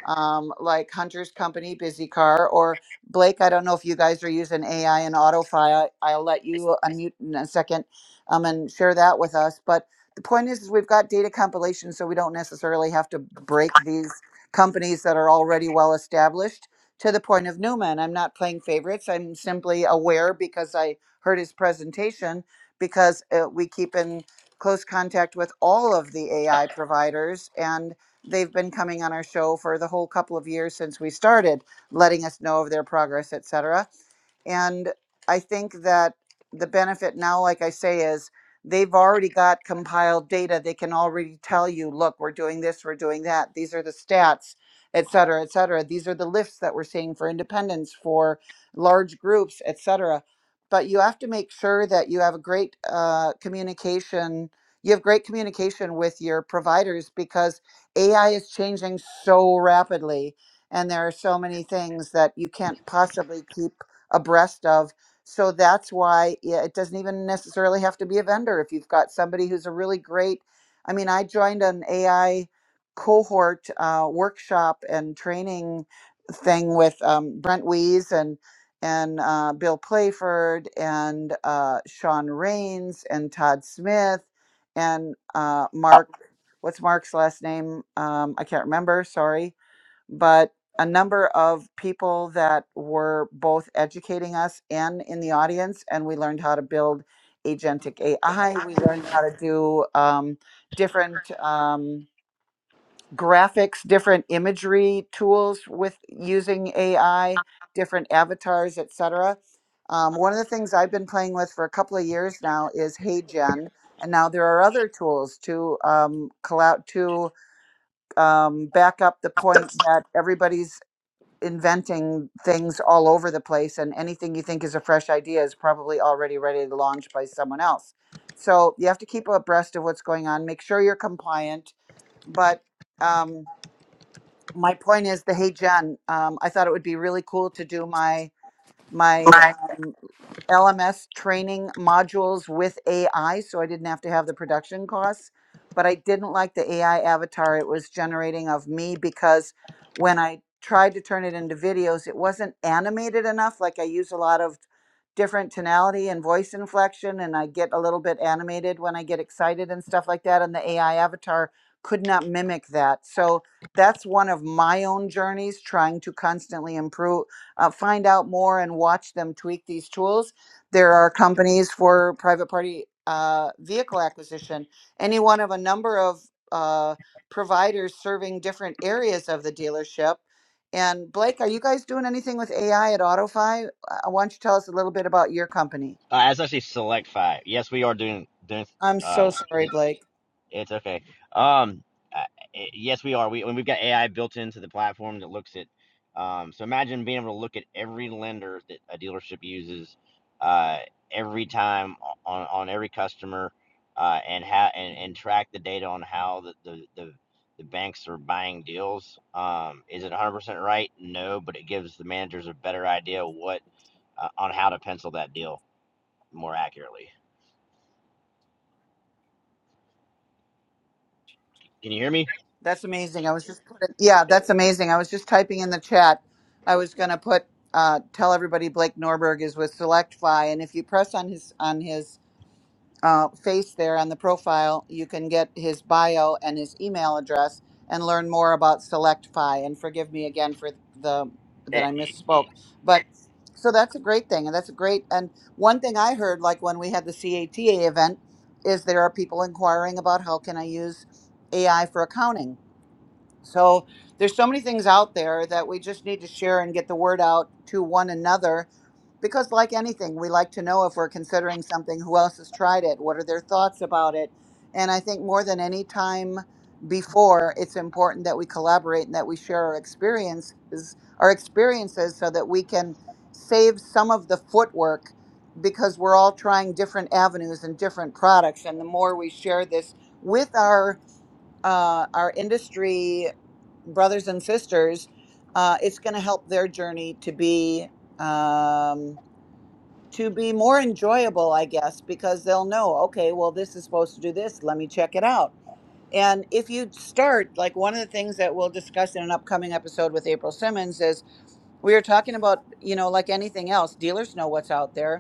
[SPEAKER 1] um, like Hunter's company, Busy Car, or Blake. I don't know if you guys are using AI and AutoFi. I, will let you unmute in a second um, and share that with us. But the point is, is we've got data compilation, so we don't necessarily have to break these companies that are already well established to the point of Newman. I'm not playing favorites. I'm simply aware because I heard his presentation because uh, we keep in close contact with all of the AI providers and they've been coming on our show for the whole couple of years since we started, letting us know of their progress, et cetera. And I think that the benefit now, like I say, is they've already got compiled data. They can already tell you, look, we're doing this, we're doing that. These are the stats et cetera, et cetera. These are the lifts that we're seeing for independence, for large groups, et cetera. But you have to make sure that you have a great uh, communication. You have great communication with your providers because AI is changing so rapidly, and there are so many things that you can't possibly keep abreast of so that's why yeah, it doesn't even necessarily have to be a vendor if you've got somebody who's a really great i mean i joined an ai cohort uh, workshop and training thing with um, Brent Wees and and uh, Bill Playford and uh, Sean Rains and Todd Smith and uh, Mark. What's Mark's last name? Um, I can't remember. Sorry, but a number of people that were both educating us and in the audience, and we learned how to build agentic AI. We learned how to do um, different. Um, graphics, different imagery tools with using AI, different avatars, etc. Um, one of the things I've been playing with for a couple of years now is HeyGen, and now there are other tools to um, collab to um, back up the point that everybody's inventing things all over the place, and anything you think is a fresh idea is probably already ready to launch by someone else. So you have to keep abreast of what's going on. Make sure you're compliant, but um, my point is the hey Jen. Um, I thought it would be really cool to do my my um, LMS training modules with AI, so I didn't have to have the production costs. But I didn't like the AI avatar it was generating of me because when I tried to turn it into videos, it wasn't animated enough. Like I use a lot of different tonality and voice inflection, and I get a little bit animated when I get excited and stuff like that. And the AI avatar could not mimic that. So that's one of my own journeys trying to constantly improve, uh, find out more and watch them tweak these tools there are companies for private party uh, vehicle acquisition, any one of a number of uh, providers serving different areas of the dealership. And Blake, are you guys doing anything with AI at AutoFi? Uh, Why don't you tell us a little bit about your company?
[SPEAKER 5] Uh, it's actually select five. Yes, we are doing doing.
[SPEAKER 1] I'm
[SPEAKER 5] Uh,
[SPEAKER 1] so sorry, Blake.
[SPEAKER 5] it's okay. Um, uh, eh, yes, we are. We and we've got AI built into the platform that looks at. Um, so imagine being able to look at every lender that a dealership uses, uh, every time on on every customer, uh, and how and, and track the data on how the the the, the banks are buying deals. Um, is it 100% right? No, but it gives the managers a better idea what uh, on how to pencil that deal more accurately. Can you hear me?
[SPEAKER 1] That's amazing. I was just putting, yeah, that's amazing. I was just typing in the chat. I was going to put uh, tell everybody Blake Norberg is with SelectFi, and if you press on his on his uh, face there on the profile, you can get his bio and his email address and learn more about SelectFi. And forgive me again for the that I misspoke, but so that's a great thing, and that's a great. And one thing I heard, like when we had the CATA event, is there are people inquiring about how can I use AI for accounting. So there's so many things out there that we just need to share and get the word out to one another because like anything we like to know if we're considering something who else has tried it what are their thoughts about it and i think more than any time before it's important that we collaborate and that we share our experiences our experiences so that we can save some of the footwork because we're all trying different avenues and different products and the more we share this with our uh, our industry brothers and sisters uh, it's going to help their journey to be um, to be more enjoyable, I guess, because they'll know, okay, well, this is supposed to do this. Let me check it out. And if you start, like one of the things that we'll discuss in an upcoming episode with April Simmons is we are talking about, you know, like anything else, dealers know what's out there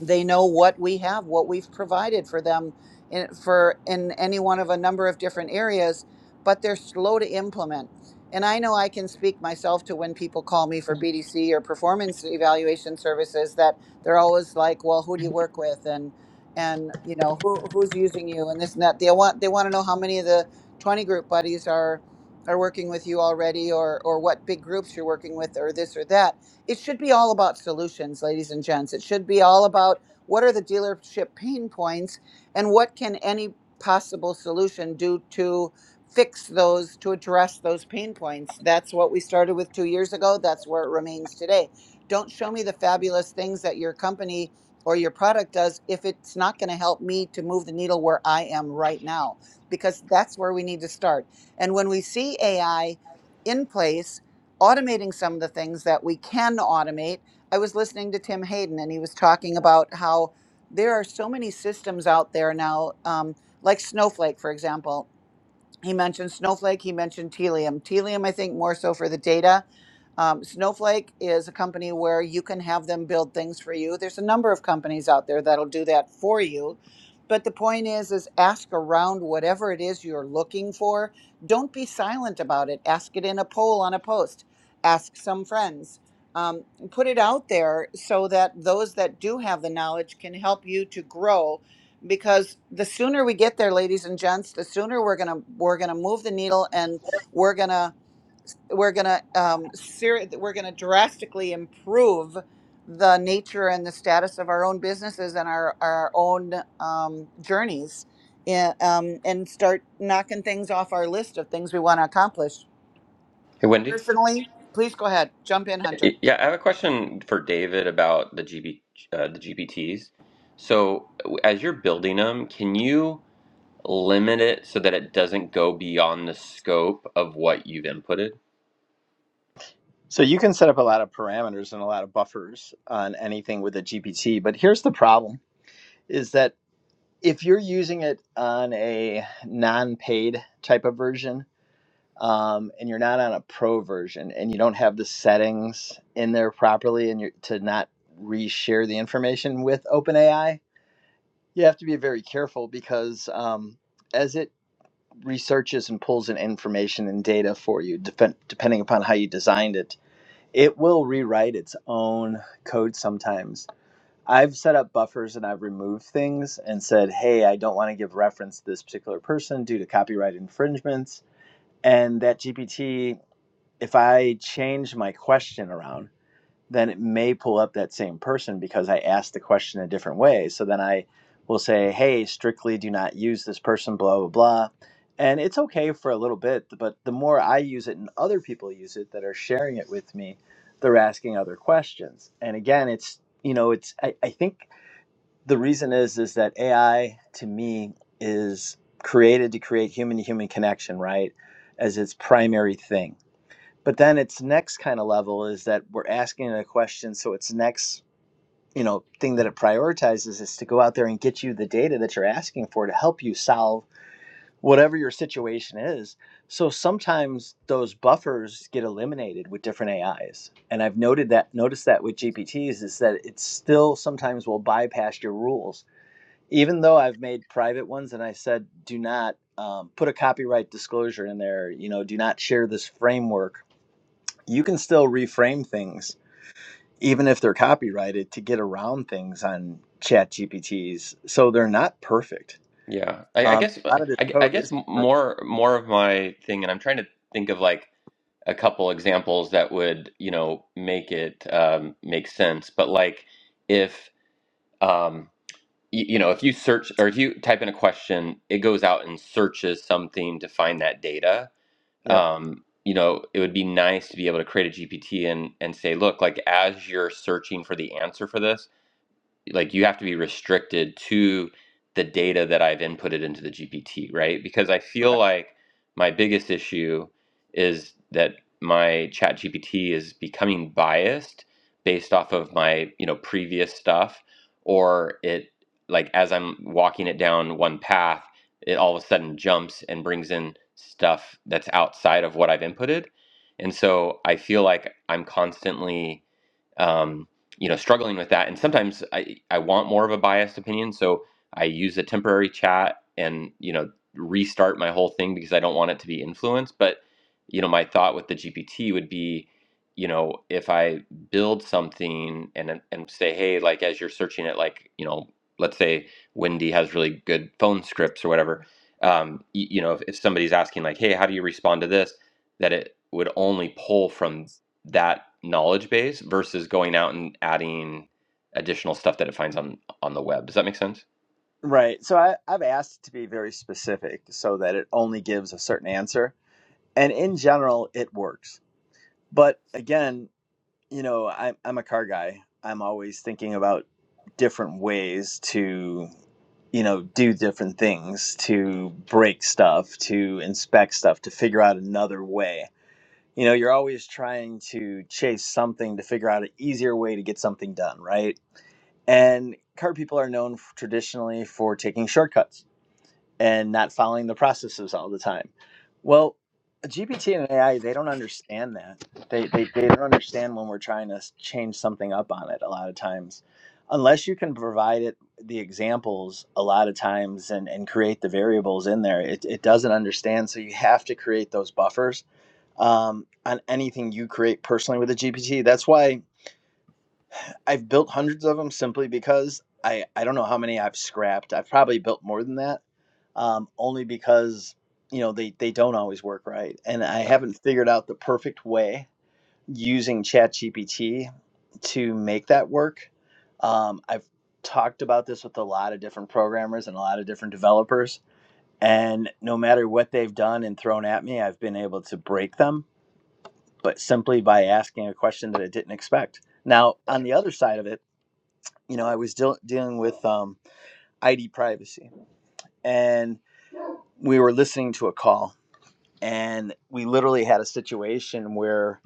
[SPEAKER 1] they know what we have what we've provided for them in for in any one of a number of different areas but they're slow to implement and i know i can speak myself to when people call me for bdc or performance evaluation services that they're always like well who do you work with and and you know who, who's using you and this and that they want they want to know how many of the 20 group buddies are are working with you already or or what big groups you're working with or this or that it should be all about solutions, ladies and gents. It should be all about what are the dealership pain points and what can any possible solution do to fix those, to address those pain points. That's what we started with two years ago. That's where it remains today. Don't show me the fabulous things that your company or your product does if it's not going to help me to move the needle where I am right now, because that's where we need to start. And when we see AI in place, automating some of the things that we can automate. I was listening to Tim Hayden, and he was talking about how there are so many systems out there now, um, like Snowflake, for example he mentioned Snowflake. He mentioned Telium. Telium, I think, more so for the data. Um, Snowflake is a company where you can have them build things for you. There's a number of companies out there that'll do that for you. But the point is, is ask around whatever it is you're looking for. Don't be silent about it. Ask it in a poll on a post. Ask some friends. Um, put it out there so that those that do have the knowledge can help you to grow because the sooner we get there ladies and gents the sooner we're gonna we're gonna move the needle and we're gonna we're gonna um seri- we're gonna drastically improve the nature and the status of our own businesses and our our own um journeys and um and start knocking things off our list of things we want to accomplish
[SPEAKER 3] Hey, Wendy.
[SPEAKER 1] personally please go ahead jump in hunter
[SPEAKER 3] Yeah, I have a question for David about the GB, uh, the GPTs. So, w- as you're building them, can you limit it so that it doesn't go beyond the scope of what you've inputted?
[SPEAKER 2] So you can set up a lot of parameters and a lot of buffers on anything with a GPT, but here's the problem is that if you're using it on a non-paid type of version, um, and you're not on a pro version and you don't have the settings in there properly and you're to not reshare the information with OpenAI, you have to be very careful because um, as it researches and pulls in information and data for you, depend, depending upon how you designed it, it will rewrite its own code sometimes. I've set up buffers and I've removed things and said, hey, I don't want to give reference to this particular person due to copyright infringements. And that GPT if I change my question around, then it may pull up that same person because I asked the question a different way. So then I will say, hey, strictly do not use this person, blah, blah, blah. And it's okay for a little bit, but the more I use it and other people use it that are sharing it with me, they're asking other questions. And again, it's, you know, it's, I, I think the reason is, is that AI to me is created to create human to human connection, right? As its primary thing but then its next kind of level is that we're asking it a question so its next you know thing that it prioritizes is to go out there and get you the data that you're asking for to help you solve whatever your situation is so sometimes those buffers get eliminated with different ais and i've noted that noticed that with gpts is that it still sometimes will bypass your rules even though i've made private ones and i said do not um, put a copyright disclosure in there you know do not share this framework you can still reframe things even if they're copyrighted to get around things on chat gpts so they're not perfect
[SPEAKER 3] Yeah, I, I
[SPEAKER 2] um,
[SPEAKER 3] guess
[SPEAKER 2] a lot of this
[SPEAKER 3] I, gu- I
[SPEAKER 2] code
[SPEAKER 3] guess
[SPEAKER 2] is
[SPEAKER 3] m-
[SPEAKER 2] perfect
[SPEAKER 3] more more of my thing, and I'm trying to think of like a couple examples that would, you know, make it um, make sense. But like if um, you, you know, if you search or if you type in a question, it goes out and searches something to find that data
[SPEAKER 2] yep
[SPEAKER 3] um, you know, it would be nice to be able to create a GPT and and say, look, like as you're searching for the answer for this like you have to be restricted to the data that I've inputted into the GPT, right? Because I feel
[SPEAKER 2] correct
[SPEAKER 3] like my biggest issue is that my chat GPT is becoming biased based off of my, you know, previous stuff or it like as I'm walking it down one path, it all of a sudden jumps and brings in stuff that's outside of what I've inputted. And so I feel like I'm constantly um, you know, struggling with that. And sometimes I, I want more of a biased opinion. So I use a temporary chat and, you know, restart my whole thing because I don't want it to be influenced. But, you know, my thought with the GPT would be, you know, if I build something and, and say, hey, like as you're searching it, like, you know, let's say Wendy has really good phone scripts or whatever. Um, y- you know, if, if somebody's asking like, hey, how do you respond to this? That it would only pull from that knowledge base versus going out and adding additional stuff that it finds on on the web. Does that make sense?
[SPEAKER 2] right so I, i've asked to be very specific so that it only gives a certain answer and in general it works but again you know I, i'm a car guy i'm always thinking about different ways to. you know, do different things, to break stuff, to inspect stuff, to figure out another way. You know, you're always trying to chase something to figure out an easier way to get something done, right? And car people are known f- traditionally for taking shortcuts and not following the processes all the time. Well, GPT and AI, they don't understand that. They, they, they don't understand when we're trying to s- change something up on it a lot of times. Unless you can provide it the examples a lot of times and, and create the variables in there, it, it doesn't understand. So you have to create those buffers um, on anything you create personally with a GPT. That's why I've built hundreds of them simply because I, I don't know how many I've scrapped. I've probably built more than that um, only because you know they they don't always work right, and I
[SPEAKER 3] Got it.
[SPEAKER 2] haven't figured out the perfect way using ChatGPT to make that work. Um, I've talked about this with a lot of different programmers and a lot of different developers, and no matter what they've done and thrown at me, I've been able to break them, but simply by asking a question that I didn't expect. Now, on the other side of it, you know, I was deal dealing with um, ID privacy, and we were listening to a call and we literally had a situation where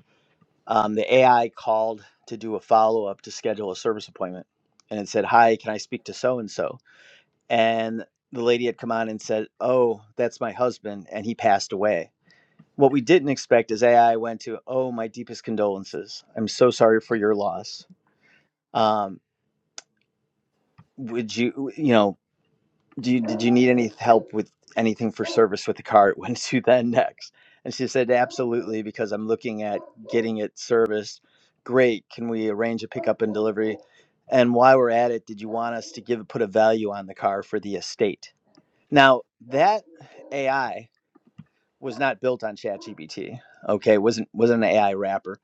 [SPEAKER 2] um, the AI called to do a follow up to schedule a service appointment, and it said, "Hi, can I speak to so and so?" And the lady had come on and said, "Oh, that's my husband, and he passed away." What we didn't expect is AI went to, "Oh, my deepest condolences. I'm so sorry for your loss. Um, would you, you know?" do you, did you need any help with anything for service with the car it went to then next and she said absolutely because i'm looking at getting it serviced great can we arrange a pickup and delivery and while we're at it did you want us to give put a value on the car for the estate now that ai was not built on ChatGPT. okay wasn't wasn't an ai wrapper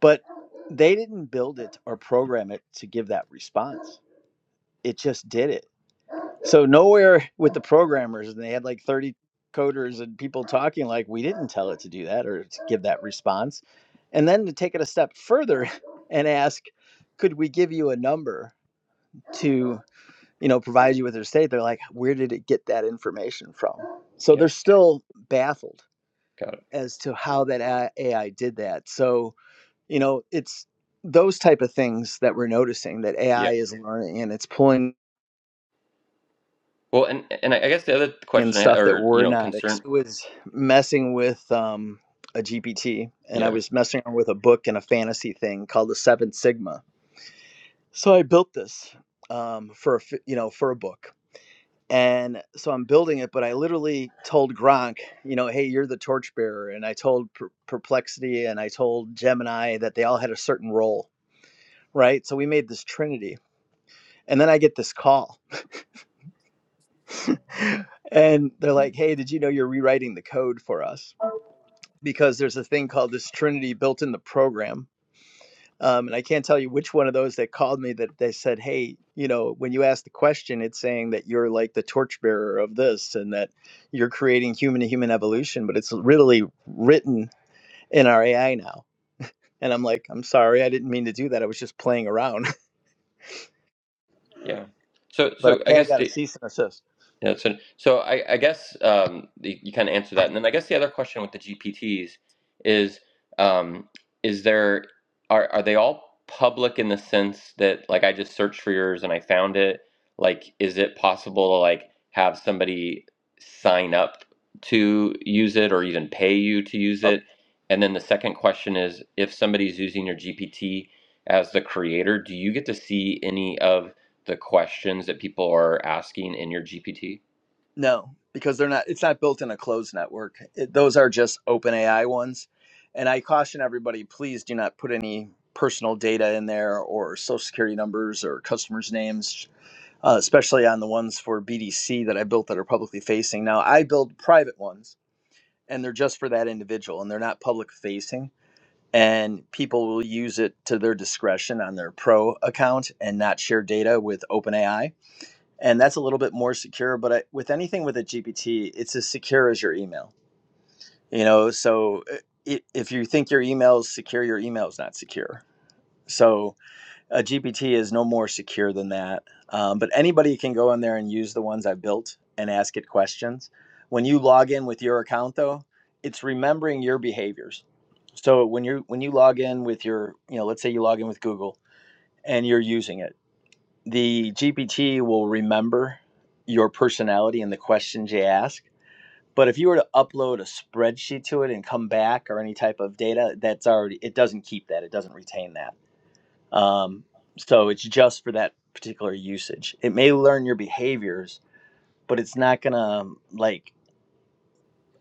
[SPEAKER 2] but they didn't build it or program it to give that response it just did it so nowhere with the programmers, and they had like 30 coders and people talking like we didn't tell it to do that or to give that response. And then to take it a step further and ask, could we give you a number to, you know, provide you with their state? They're like, where did it get that information from? So
[SPEAKER 3] Yeah,
[SPEAKER 2] they're still baffled
[SPEAKER 3] got it.
[SPEAKER 2] as to how that AI did that. So, you know, it's those type of things that we're noticing that
[SPEAKER 3] Yeah.
[SPEAKER 2] AI is learning and it's pulling
[SPEAKER 3] Well, and and I guess the other
[SPEAKER 2] and
[SPEAKER 3] question I,
[SPEAKER 2] stuff that
[SPEAKER 3] or you
[SPEAKER 2] we're
[SPEAKER 3] know
[SPEAKER 2] not ex-
[SPEAKER 3] concern.
[SPEAKER 2] I was messing with um a GPT and I
[SPEAKER 3] Yeah,
[SPEAKER 2] was messing around with a book and a fantasy thing called the Seven Sigma. So I built this um for a f- you know for a book. And so I'm building it, but I literally told Gronk, you know, hey, you're the torchbearer. And I told per- Perplexity and I told Gemini that they all had a certain role, right? So we made this trinity. And then I get this call and they're like, hey, did you know you're rewriting the code for us? because there's a thing called this Trinity built in the program. Um, and I can't tell you which one of those that called me that they said, hey, you know, when you ask the question, it's saying that you're like the torchbearer of this and that you're creating human to human evolution, but it's really written in our AI now. And I'm like, I'm sorry, I didn't mean to do that. I was just playing around,
[SPEAKER 3] yeah. So
[SPEAKER 2] but I
[SPEAKER 3] so I
[SPEAKER 2] kind of
[SPEAKER 3] guess
[SPEAKER 2] got a cease and assist.
[SPEAKER 3] Yeah, so so I, I guess um, the, you kind of answer that, and then I guess the other question with the GPTs is um, is there are are they all public in the sense that like I just searched for yours and I found it? Like, is it possible to like have somebody sign up to use it or even pay you to use it? And then the second question is, if somebody's using your GPT as the creator, do you get to see any of the questions that people are asking in your GPT?
[SPEAKER 2] No, because they're not. It's not built in a closed network. It, those are just open AI ones. And I caution everybody: please do not put any personal data in there, or social security numbers, or customers' names, uh, especially on the ones for BDC that I built that are publicly facing. Now I build private ones, and they're just for that individual, and they're not public facing. And people will use it to their discretion on their pro account and not share data with OpenAI and that's a little bit more secure but I, with anything with a gpt it's as secure as your email you know so uh, if you think your email is secure your email is not secure so a gpt is no more secure than that um, but anybody can go in there and use the ones i've built and ask it questions when you log in with your account though it's remembering your behaviors so when you when you log in with your you know let's say you log in with google and you're using it the GPT will remember your personality and the questions you ask. But if you were to upload a spreadsheet to it and come back or any type of data, that's already it doesn't keep that. It doesn't retain that. Um, so it's just for that particular usage. It may learn your behaviors, but it's not gonna um, like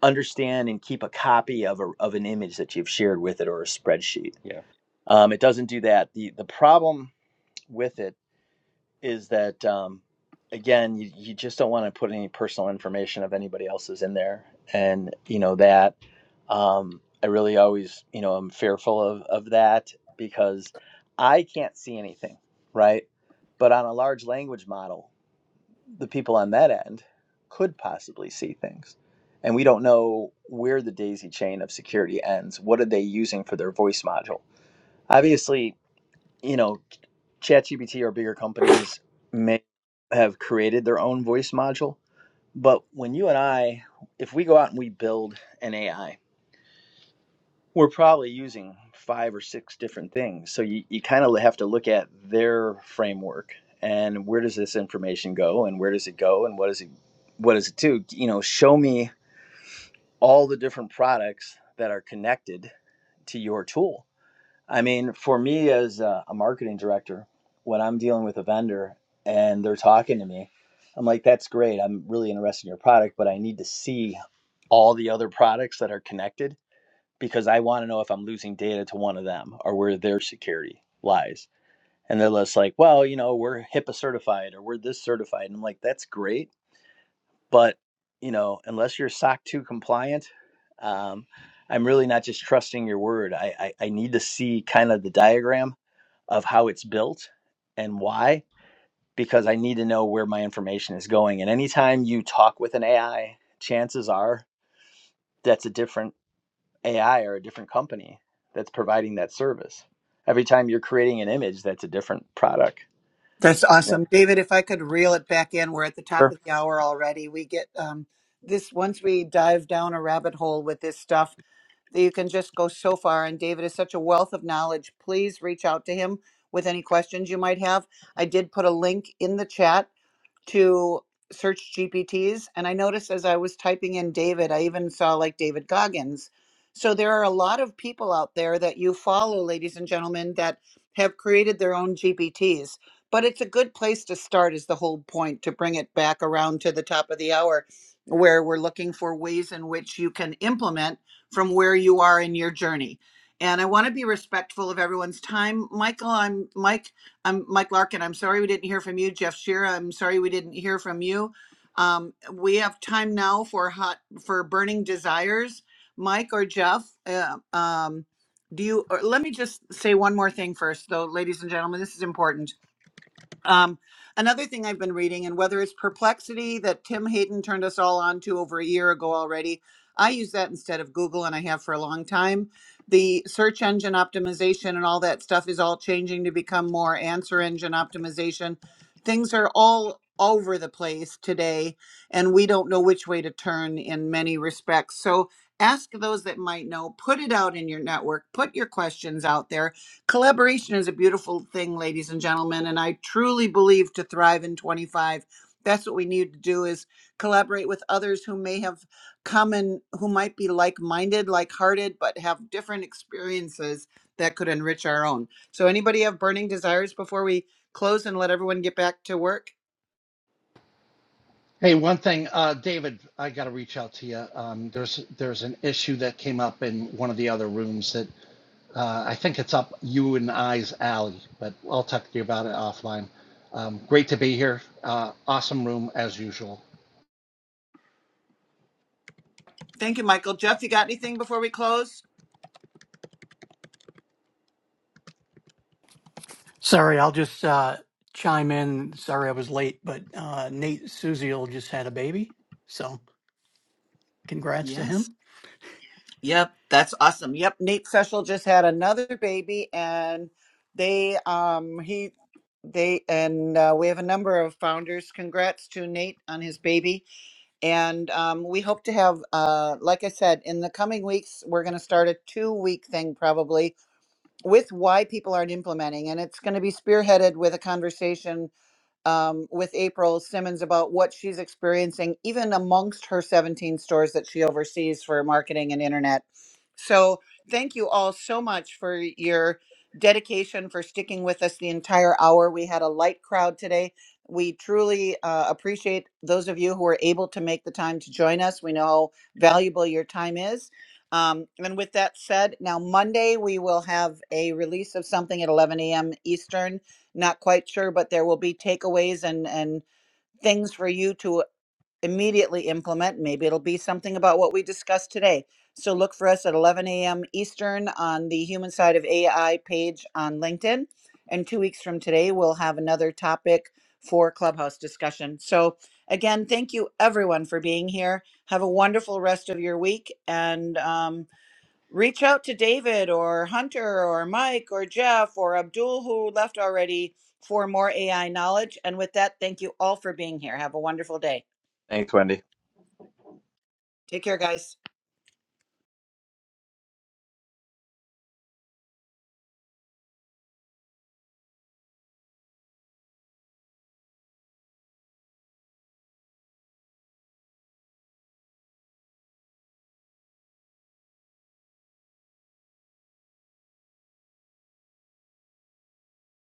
[SPEAKER 2] understand and keep a copy of a, of an image that you've shared with it or a spreadsheet.
[SPEAKER 3] Yeah.
[SPEAKER 2] Um, it doesn't do that. the The problem with it is that um, again you, you just don't want to put any personal information of anybody else's in there and you know that um, i really always you know i'm fearful of, of that because i can't see anything right but on a large language model the people on that end could possibly see things and we don't know where the daisy chain of security ends what are they using for their voice module obviously you know ChatGPT or bigger companies may have created their own voice module. But when you and I, if we go out and we build an AI, we're probably using five or six different things. So you, you kind of have to look at their framework and where does this information go and where does it go and what does it what does it do? You know, show me all the different products that are connected to your tool I mean, for me as a, a marketing director, when I'm dealing with a vendor and they're talking to me, I'm like, that's great. I'm really interested in your product, but I need to see all the other products that are connected because I want to know if I'm losing data to one of them or where their security lies. And they're just like, well, you know, we're HIPAA certified or we're this certified. And I'm like, that's great. But, you know, unless you're SOC 2 compliant, um, I'm really not just trusting your word. I, I, I need to see kind of the diagram of how it's built and why because I need to know where my information is going. And anytime you talk with an AI, chances are that's a different AI or a different company that's providing that service. Every time you're creating an image, that's a different product.
[SPEAKER 1] That's
[SPEAKER 2] Yeah.
[SPEAKER 1] awesome. David, if I could reel it back in, we're at the top
[SPEAKER 2] Sure.
[SPEAKER 1] of the hour already. We get um, this once we dive down a rabbit hole with this stuff that you can just go so far. And David is such a wealth of knowledge. Please reach out to him with any questions you might have. I did put a link in the chat to search GPTs. And I noticed as I was typing in David, I even saw like David Goggins. So there are a lot of people out there that you follow, ladies and gentlemen, that have created their own GPTs. But it's a good place to start, is the whole point, to bring it back around to the top of the hour, where we're looking for ways in which you can implement from where you are in your journey. And I want to be respectful of everyone's time. Michael, I'm Mike. I'm Mike Larkin. I'm sorry we didn't hear from you, Jeff Shearer. I'm sorry we didn't hear from you. Um, we have time now for hot for burning desires. Mike or Jeff, uh, um, do you? Or let me just say one more thing first, though, ladies and gentlemen. This is important um, another thing I've been reading, and whether it's Perplexity that Tim Hayden turned us all on to over a year ago already, I use that instead of Google, and I have for a long time. The search engine optimization and all that stuff is all changing to become more answer engine optimization. Things are all over the place today, and we don't know which way to turn in many respects. So ask those that might know, put it out in your network, put your questions out there collaboration is a beautiful thing ladies and gentlemen and i truly believe to thrive in 25 that's what we need to do is collaborate with others who may have come and who might be like-minded like-hearted but have different experiences that could enrich our own so anybody have burning desires before we close and let everyone get back to work
[SPEAKER 6] Hey, one thing, uh, David, I got to reach out to you. Um, there's there's an issue that came up in one of the other rooms that uh, I think it's up you and I's alley, but I'll talk to you about it offline. Um, great to be here. Uh, awesome room as usual.
[SPEAKER 1] thank you michael jeff you got anything before we close
[SPEAKER 7] Sorry, I'll just uh, chime in. Sorry I was late, but uh, Nate Suziel just had a baby. So congrats to
[SPEAKER 1] yes
[SPEAKER 7] him.
[SPEAKER 1] Yep, that's awesome. Yep, Nate Feschel just had another baby, and they um he they and uh, we have a number of founders. Congrats to Nate on his baby, and um, we hope to have uh like I said in the coming weeks we're going to start a two week thing probably with why people aren't implementing, and it's going to be spearheaded with a conversation um, with April Simmons about what she's experiencing, even amongst her 17 stores that she oversees for marketing and internet. So, thank you all so much for your dedication, for sticking with us the entire hour. We had a light crowd today. We truly uh, appreciate those of you who are able to make the time to join us. We know how valuable your time is. Um, and with that said, now Monday we will have a release of something at 11 a.m. Eastern not quite sure, but there will be takeaways and, and things for you to immediately implement. Maybe it'll be something about what we discussed today. So look for us at 11 a.m. Eastern on the Human Side of AI page on LinkedIn. And two weeks from today, we'll have another topic for Clubhouse discussion. So, again, thank you everyone for being here. Have a wonderful rest of your week. And um, reach out to David or Hunter or Mike or Jeff or Abdul, who left already, for more AI knowledge. And with that, thank you all for being here. Have a wonderful day.
[SPEAKER 2] Thanks, Wendy.
[SPEAKER 1] Take care, guys.